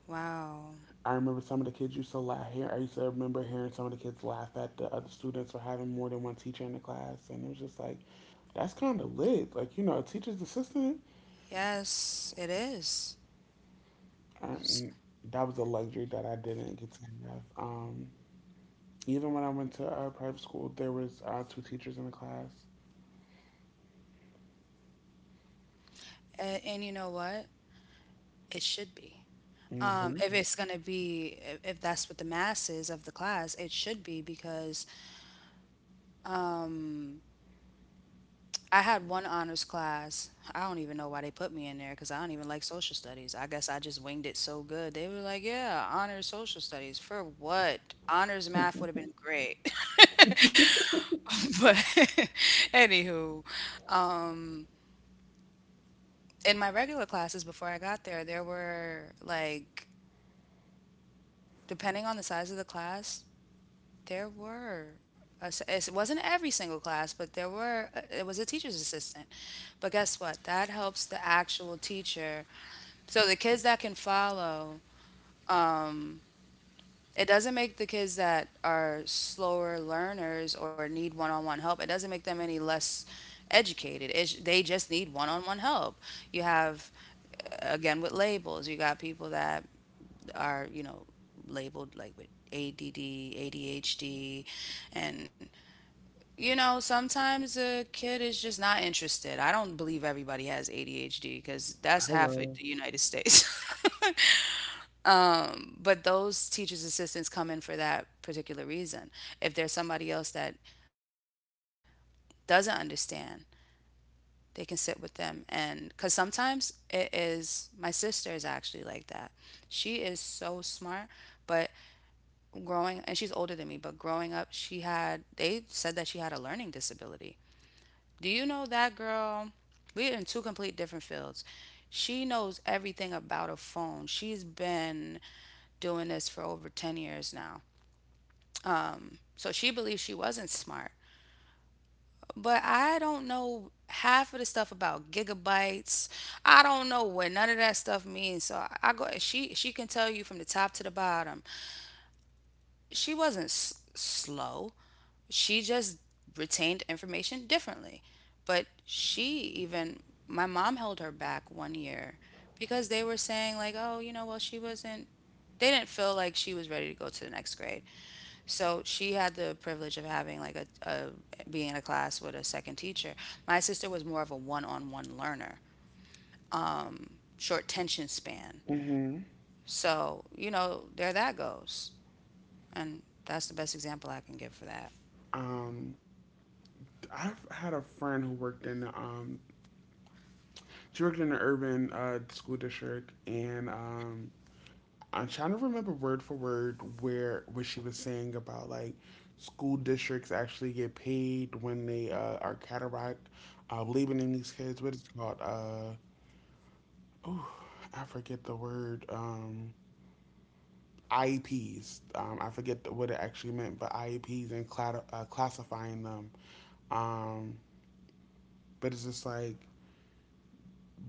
Speaker 2: Wow.
Speaker 1: I remember some of the kids used to laugh. I used to remember hearing some of the kids laugh at the other students for having more than one teacher in the class, and it was just like, that's kind of lit. Like you know, a teacher's assistant.
Speaker 2: Yes, it is. S-
Speaker 1: Um, that was a luxury that I didn't get to have. Even when I went to private school, there was two teachers in the class.
Speaker 2: And you know what? It should be.
Speaker 1: Hmm.
Speaker 2: If it's going to be, if that's what the mass is of the class, it should be because I had one honors class. I don't even know why they put me in there because I don't even like social studies. I guess I just winged it so good. They were like, yeah, honors social studies. For what? Honors math would have been great. But anywho, in my regular classes before I got there, there were like, depending on the size of the class, there were. A s- it wasn't every single class, but there were, it was a teacher's assistant. But guess what? That helps the actual teacher. So the kids that can follow, it doesn't make the kids that are slower learners or need one on one help, it doesn't make them any less educated. It's, they just need one on one help. You have, again, with labels, you got people that are, you know, labeled like with ADD, ADHD, and you know, sometimes a kid is just not interested. I don't believe everybody has ADHD because that's half of
Speaker 1: Hello.
Speaker 2: the United States. But those teachers assistants come in for that particular reason if there's somebody else that doesn't understand, they can sit with them. And because sometimes it is, my sister is actually like that. She is so smart, but growing, and she's older than me, but growing up she had, they said that she had a learning disability. Do you know that girl, we're in two complete different fields. She knows everything about a phone. She's been doing this for over 10 years now. So she believes she wasn't smart. But I don't know half of the stuff about gigabytes. I don't know what none of that stuff means. So I go, she can tell you from the top to the bottom. She wasn't s- slow. She just retained information differently. But she, even my mom held her back one year because they were saying like, "Oh, you know, well she wasn't, they didn't feel like she was ready to go to the next grade." So she had the privilege of having like a being in a class with a second teacher. My sister was more of a one-on-one learner, short tension span.
Speaker 1: Hmm.
Speaker 2: So, you know, there that goes. And that's the best example I can give for that.
Speaker 1: Um, I've had a friend who worked in the, she worked in the urban school district, and I'm trying to remember word for word where what she was saying about like school districts actually get paid when they are cataract labeling these kids. What is it called? Oh, I forget the word. IEPs. I forget the, what it actually meant, but IEPs and classifying them. Um, but it's just like,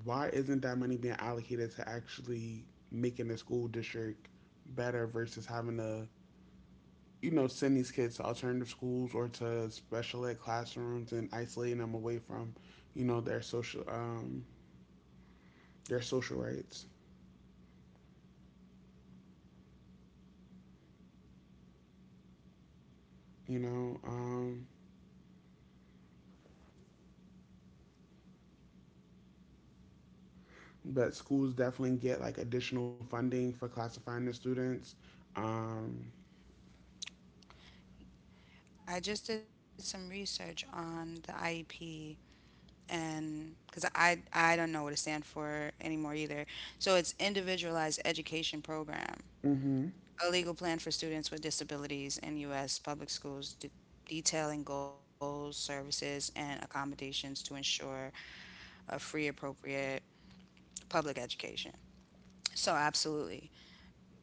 Speaker 1: why isn't that money being allocated to actually making the school district better versus having to you know, send these kids to alternative schools or to special ed classrooms and isolating them away from, you know, their social rights, you know. But schools definitely get like additional funding for classifying the students. Um.
Speaker 2: I just did some research on the IEP, and because I don't know what it stands for anymore either. So it's Individualized Education Program.
Speaker 1: Mhm.
Speaker 2: A legal plan for students with disabilities in U.S. public schools detailing goals, services, and accommodations to ensure a free, appropriate public education. So, absolutely,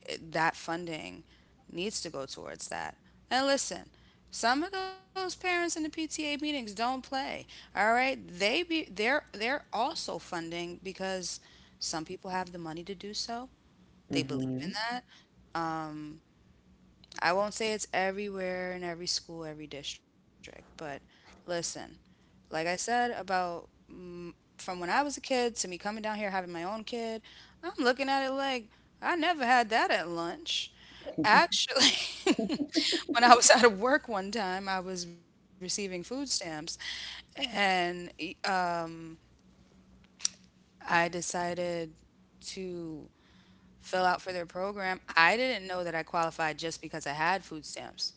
Speaker 2: that funding needs to go towards that. And listen, some of those parents in the PTA meetings don't play. All right, they're they're also funding because some people have the money to do so. They believe in
Speaker 1: Mhm.
Speaker 2: that. I won't say it's everywhere in every school, every district, but listen, like I said about mm, from when I was a kid to me coming down here having my own kid, I'm looking at it like I never had that at lunch. Actually, when I was out of work one time, I was receiving food stamps and I decided to fill out for their program. I didn't know that I qualified just because I had food stamps.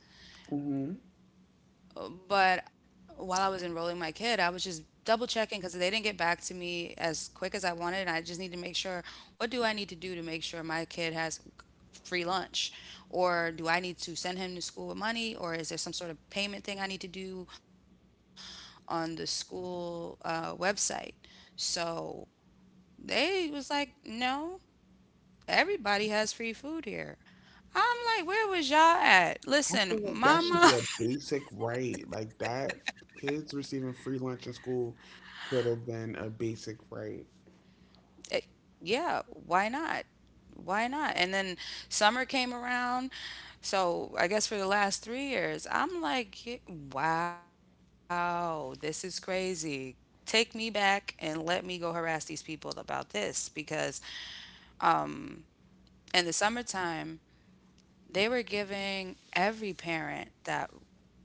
Speaker 2: But while I was enrolling my kid, I was just double checking because they didn't get back to me as quick as I wanted. And I just need to make sure, what do I need to do to make sure my kid has free lunch? Or do I need to send him to school with money? Or is there some sort of payment thing I need to do on the school website? So they was like, no, everybody has free food here. I'm like, where was y'all at? Listen,
Speaker 1: I feel like that
Speaker 2: mama,
Speaker 1: should be a basic right. Like that kids receiving free lunch in school should have been a basic right.
Speaker 2: eh, yeah, why not? Why not? And then summer came around. So I guess for the last 3 years, I'm like, wow, this is crazy. Take me back and let me go harass these people about this because in the summertime, they were giving every parent that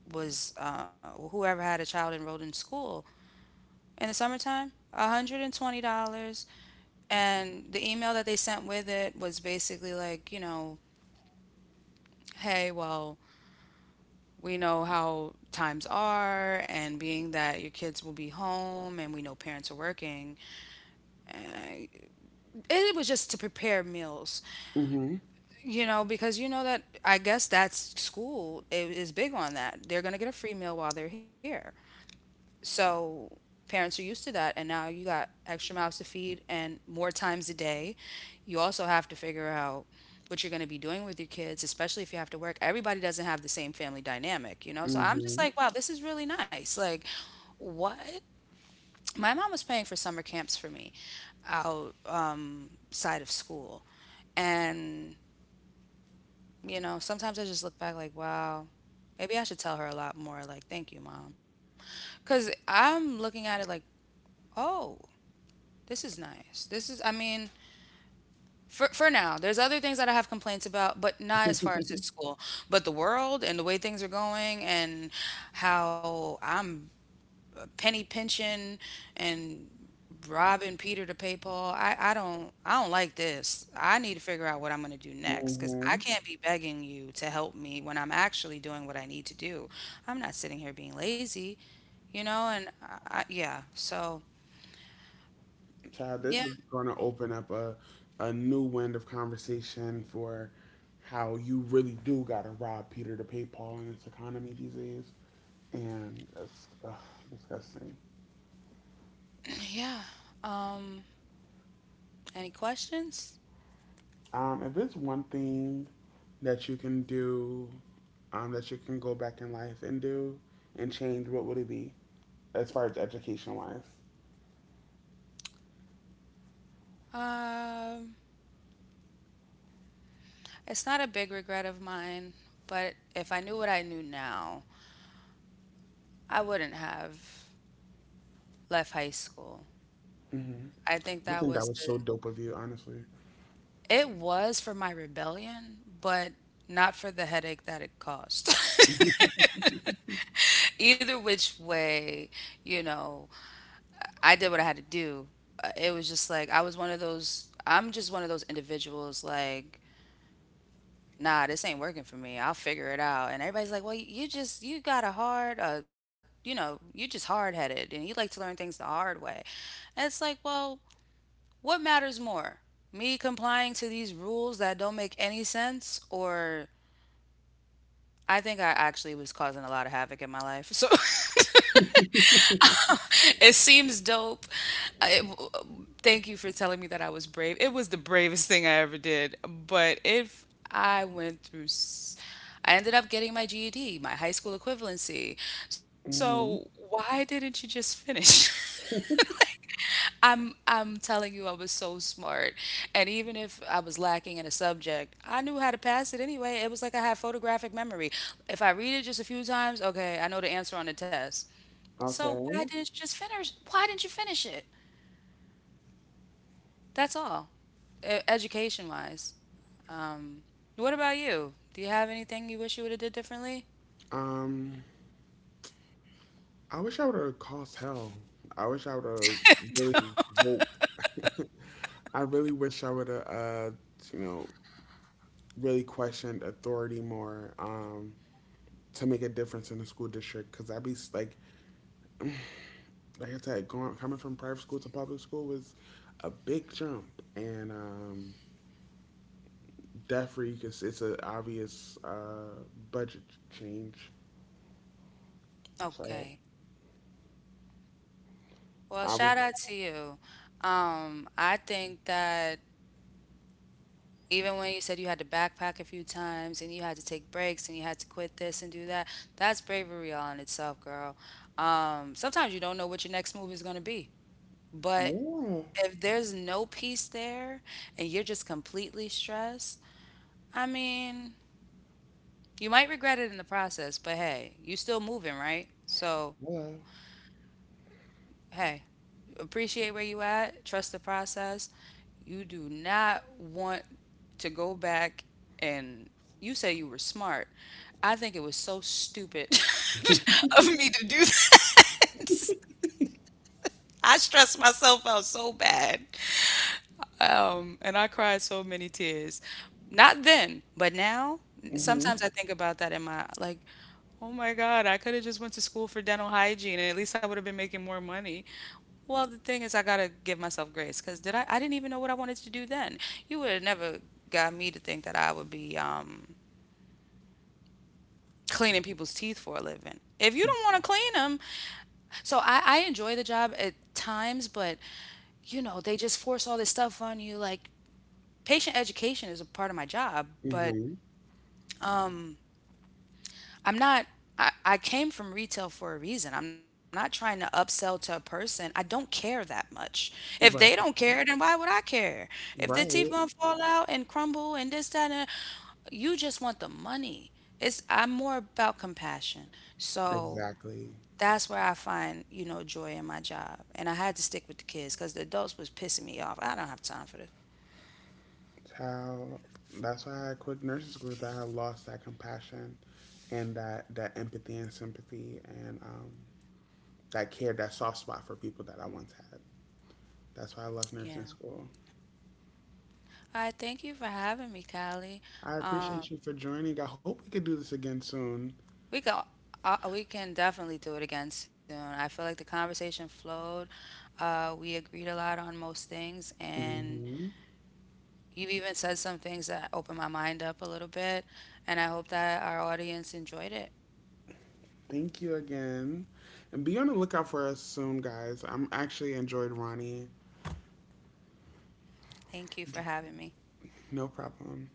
Speaker 2: was whoever had a child enrolled in school in the summertime, $120." And the email that they sent with it was basically like, you know, hey, well, we know how times are, and being that your kids will be home and we know parents are working, it was just to prepare meals,
Speaker 1: Mhm.
Speaker 2: you know, because you know that, I guess that's, school is big on that. They're going to get a free meal while they're here. So parents are used to that, and now you got extra mouths to feed and more times a day. You also have to figure out what you're going to be doing with your kids, especially if you have to work. Everybody doesn't have the same family dynamic, you know? So I'm just
Speaker 1: Mhm.
Speaker 2: like, wow, this is really nice. Like, what? My mom was paying for summer camps for me out side of school. And, you know, sometimes I just look back like, wow, maybe I should tell her a lot more. Like, thank you, mom. Because I'm looking at it like, oh, this is nice. This is, I mean, for now, there's other things that I have complaints about, but not as far as this school. But the world and the way things are going, and how I'm penny pinching and robbing Peter to pay Paul. I don't like this. I need to figure out what I'm going to do next cuz I
Speaker 1: Mhm.
Speaker 2: can't be begging you to help me when I'm actually doing what I need to do. I'm not sitting here being lazy, you know, and I yeah. So,
Speaker 1: Child,
Speaker 2: yeah,
Speaker 1: this is going to open up a new wind of conversation for how you really do got to rob Peter to pay Paul in this economy these days. And it's disgusting.
Speaker 2: yeah. um, Any questions?
Speaker 1: If it's one thing that you can do, that you can go back in life and do and change, what would it be as far as education wise?
Speaker 2: Um, it's not a big regret of mine, but if I knew what I knew now, I wouldn't have left high school. I
Speaker 1: I
Speaker 2: think
Speaker 1: think
Speaker 2: that
Speaker 1: that
Speaker 2: was
Speaker 1: was so
Speaker 2: the,
Speaker 1: dope of you, honestly.
Speaker 2: it was for my rebellion, but not for the headache that it caused. Either which way, you know, I did what I had to do. It was just like I'm just one of those individuals like, nah, this ain't working for me. I'll figure it out. And everybody's like, well, you just, you got a hard, you know, you just hard headed and you like to learn things the hard way. And it's like, well, what matters more? Me complying to these rules that don't make any sense, or I think I actually was causing a lot of havoc in my life. So it seems dope. I, thank you for telling me that I was brave. It was the bravest thing I ever did. But if I went through, I ended up getting my GED, my high school equivalency. So
Speaker 1: Hmm.
Speaker 2: why didn't you just finish? Like, I'm telling you I was so smart, and even if I was lacking in a subject, I knew how to pass it anyway. It was like I had photographic memory. If I read it just a few times, okay, I know the answer on the test. So why
Speaker 1: Okay.
Speaker 2: didn't you just finish? Why didn't you finish it? That's all, education wise. Um, what about you? Do you have anything you wish you would have did differently?
Speaker 1: Um, I wish I would have caused hell. I wish I would have really woke. I really wish I would have, you know, really questioned authority more, to make a difference in the school district. Because I'd be like I said, going coming from private school to public school was a big jump, and debt because it's an obvious budget change. So
Speaker 2: Okay. Well,
Speaker 1: I would,
Speaker 2: shout out to you. I think that even when you said you had to backpack a few times and you had to take breaks and you had to quit this and do that, that's bravery all in itself, girl. Sometimes you don't know what your next move is going to be. But
Speaker 1: yeah,
Speaker 2: if there's no peace there and you're just completely stressed, I mean, you might regret it in the process, but hey, you still moving, right? So,
Speaker 1: yeah,
Speaker 2: hey, appreciate where you at, trust the process. You do not want to go back, and you say you were smart. I think it was so stupid of me to do that. I stressed myself out so bad, and I cried so many tears. Not then, but now,
Speaker 1: mm-hmm,
Speaker 2: sometimes I think about that in my like, oh my God, I could have just went to school for dental hygiene. At least I would have been making more money. Well, the thing is, I gotta give myself grace because did I? I didn't even know what I wanted to do then. You would have never got me to think that I would be cleaning people's teeth for a living. If you don't want to clean them, so I enjoy the job at times, but you know they just force all this stuff on you like patient education is a part of my job, but
Speaker 1: mm-hmm,
Speaker 2: um, I'm not. I came from retail for a reason. I'm not trying to upsell to a person. I don't care that much. If they
Speaker 1: right,
Speaker 2: don't care, then why would I care? If their
Speaker 1: right.
Speaker 2: teeth gonna fall out and crumble and this, that, and you just want the money. It's, I'm more about compassion. So
Speaker 1: Exactly.
Speaker 2: that's where I find, you know, joy in my job. And I had to stick with the kids because the adults was pissing me off. I don't have time for this.
Speaker 1: It's how that's why I quit nursing school. Is That I lost that compassion and that empathy and sympathy, and that care, that soft spot for people that I once had. That's why I left nursing
Speaker 2: Yeah.
Speaker 1: school.
Speaker 2: Hi, thank you for having me,
Speaker 1: I
Speaker 2: Callie.
Speaker 1: appreciate you for
Speaker 2: Um,
Speaker 1: joining. I hope we could do this again soon.
Speaker 2: we can we can definitely do it again soon. I feel like the conversation flowed. We agreed a lot on most things,
Speaker 1: Hmm.
Speaker 2: and you even said some things that opened my mind up a little bit. And I hope that our audience enjoyed it.
Speaker 1: Thank you again, and be on the lookout for us soon, guys. I'm actually enjoyed Ronnie.
Speaker 2: Thank you for having me.
Speaker 1: No problem.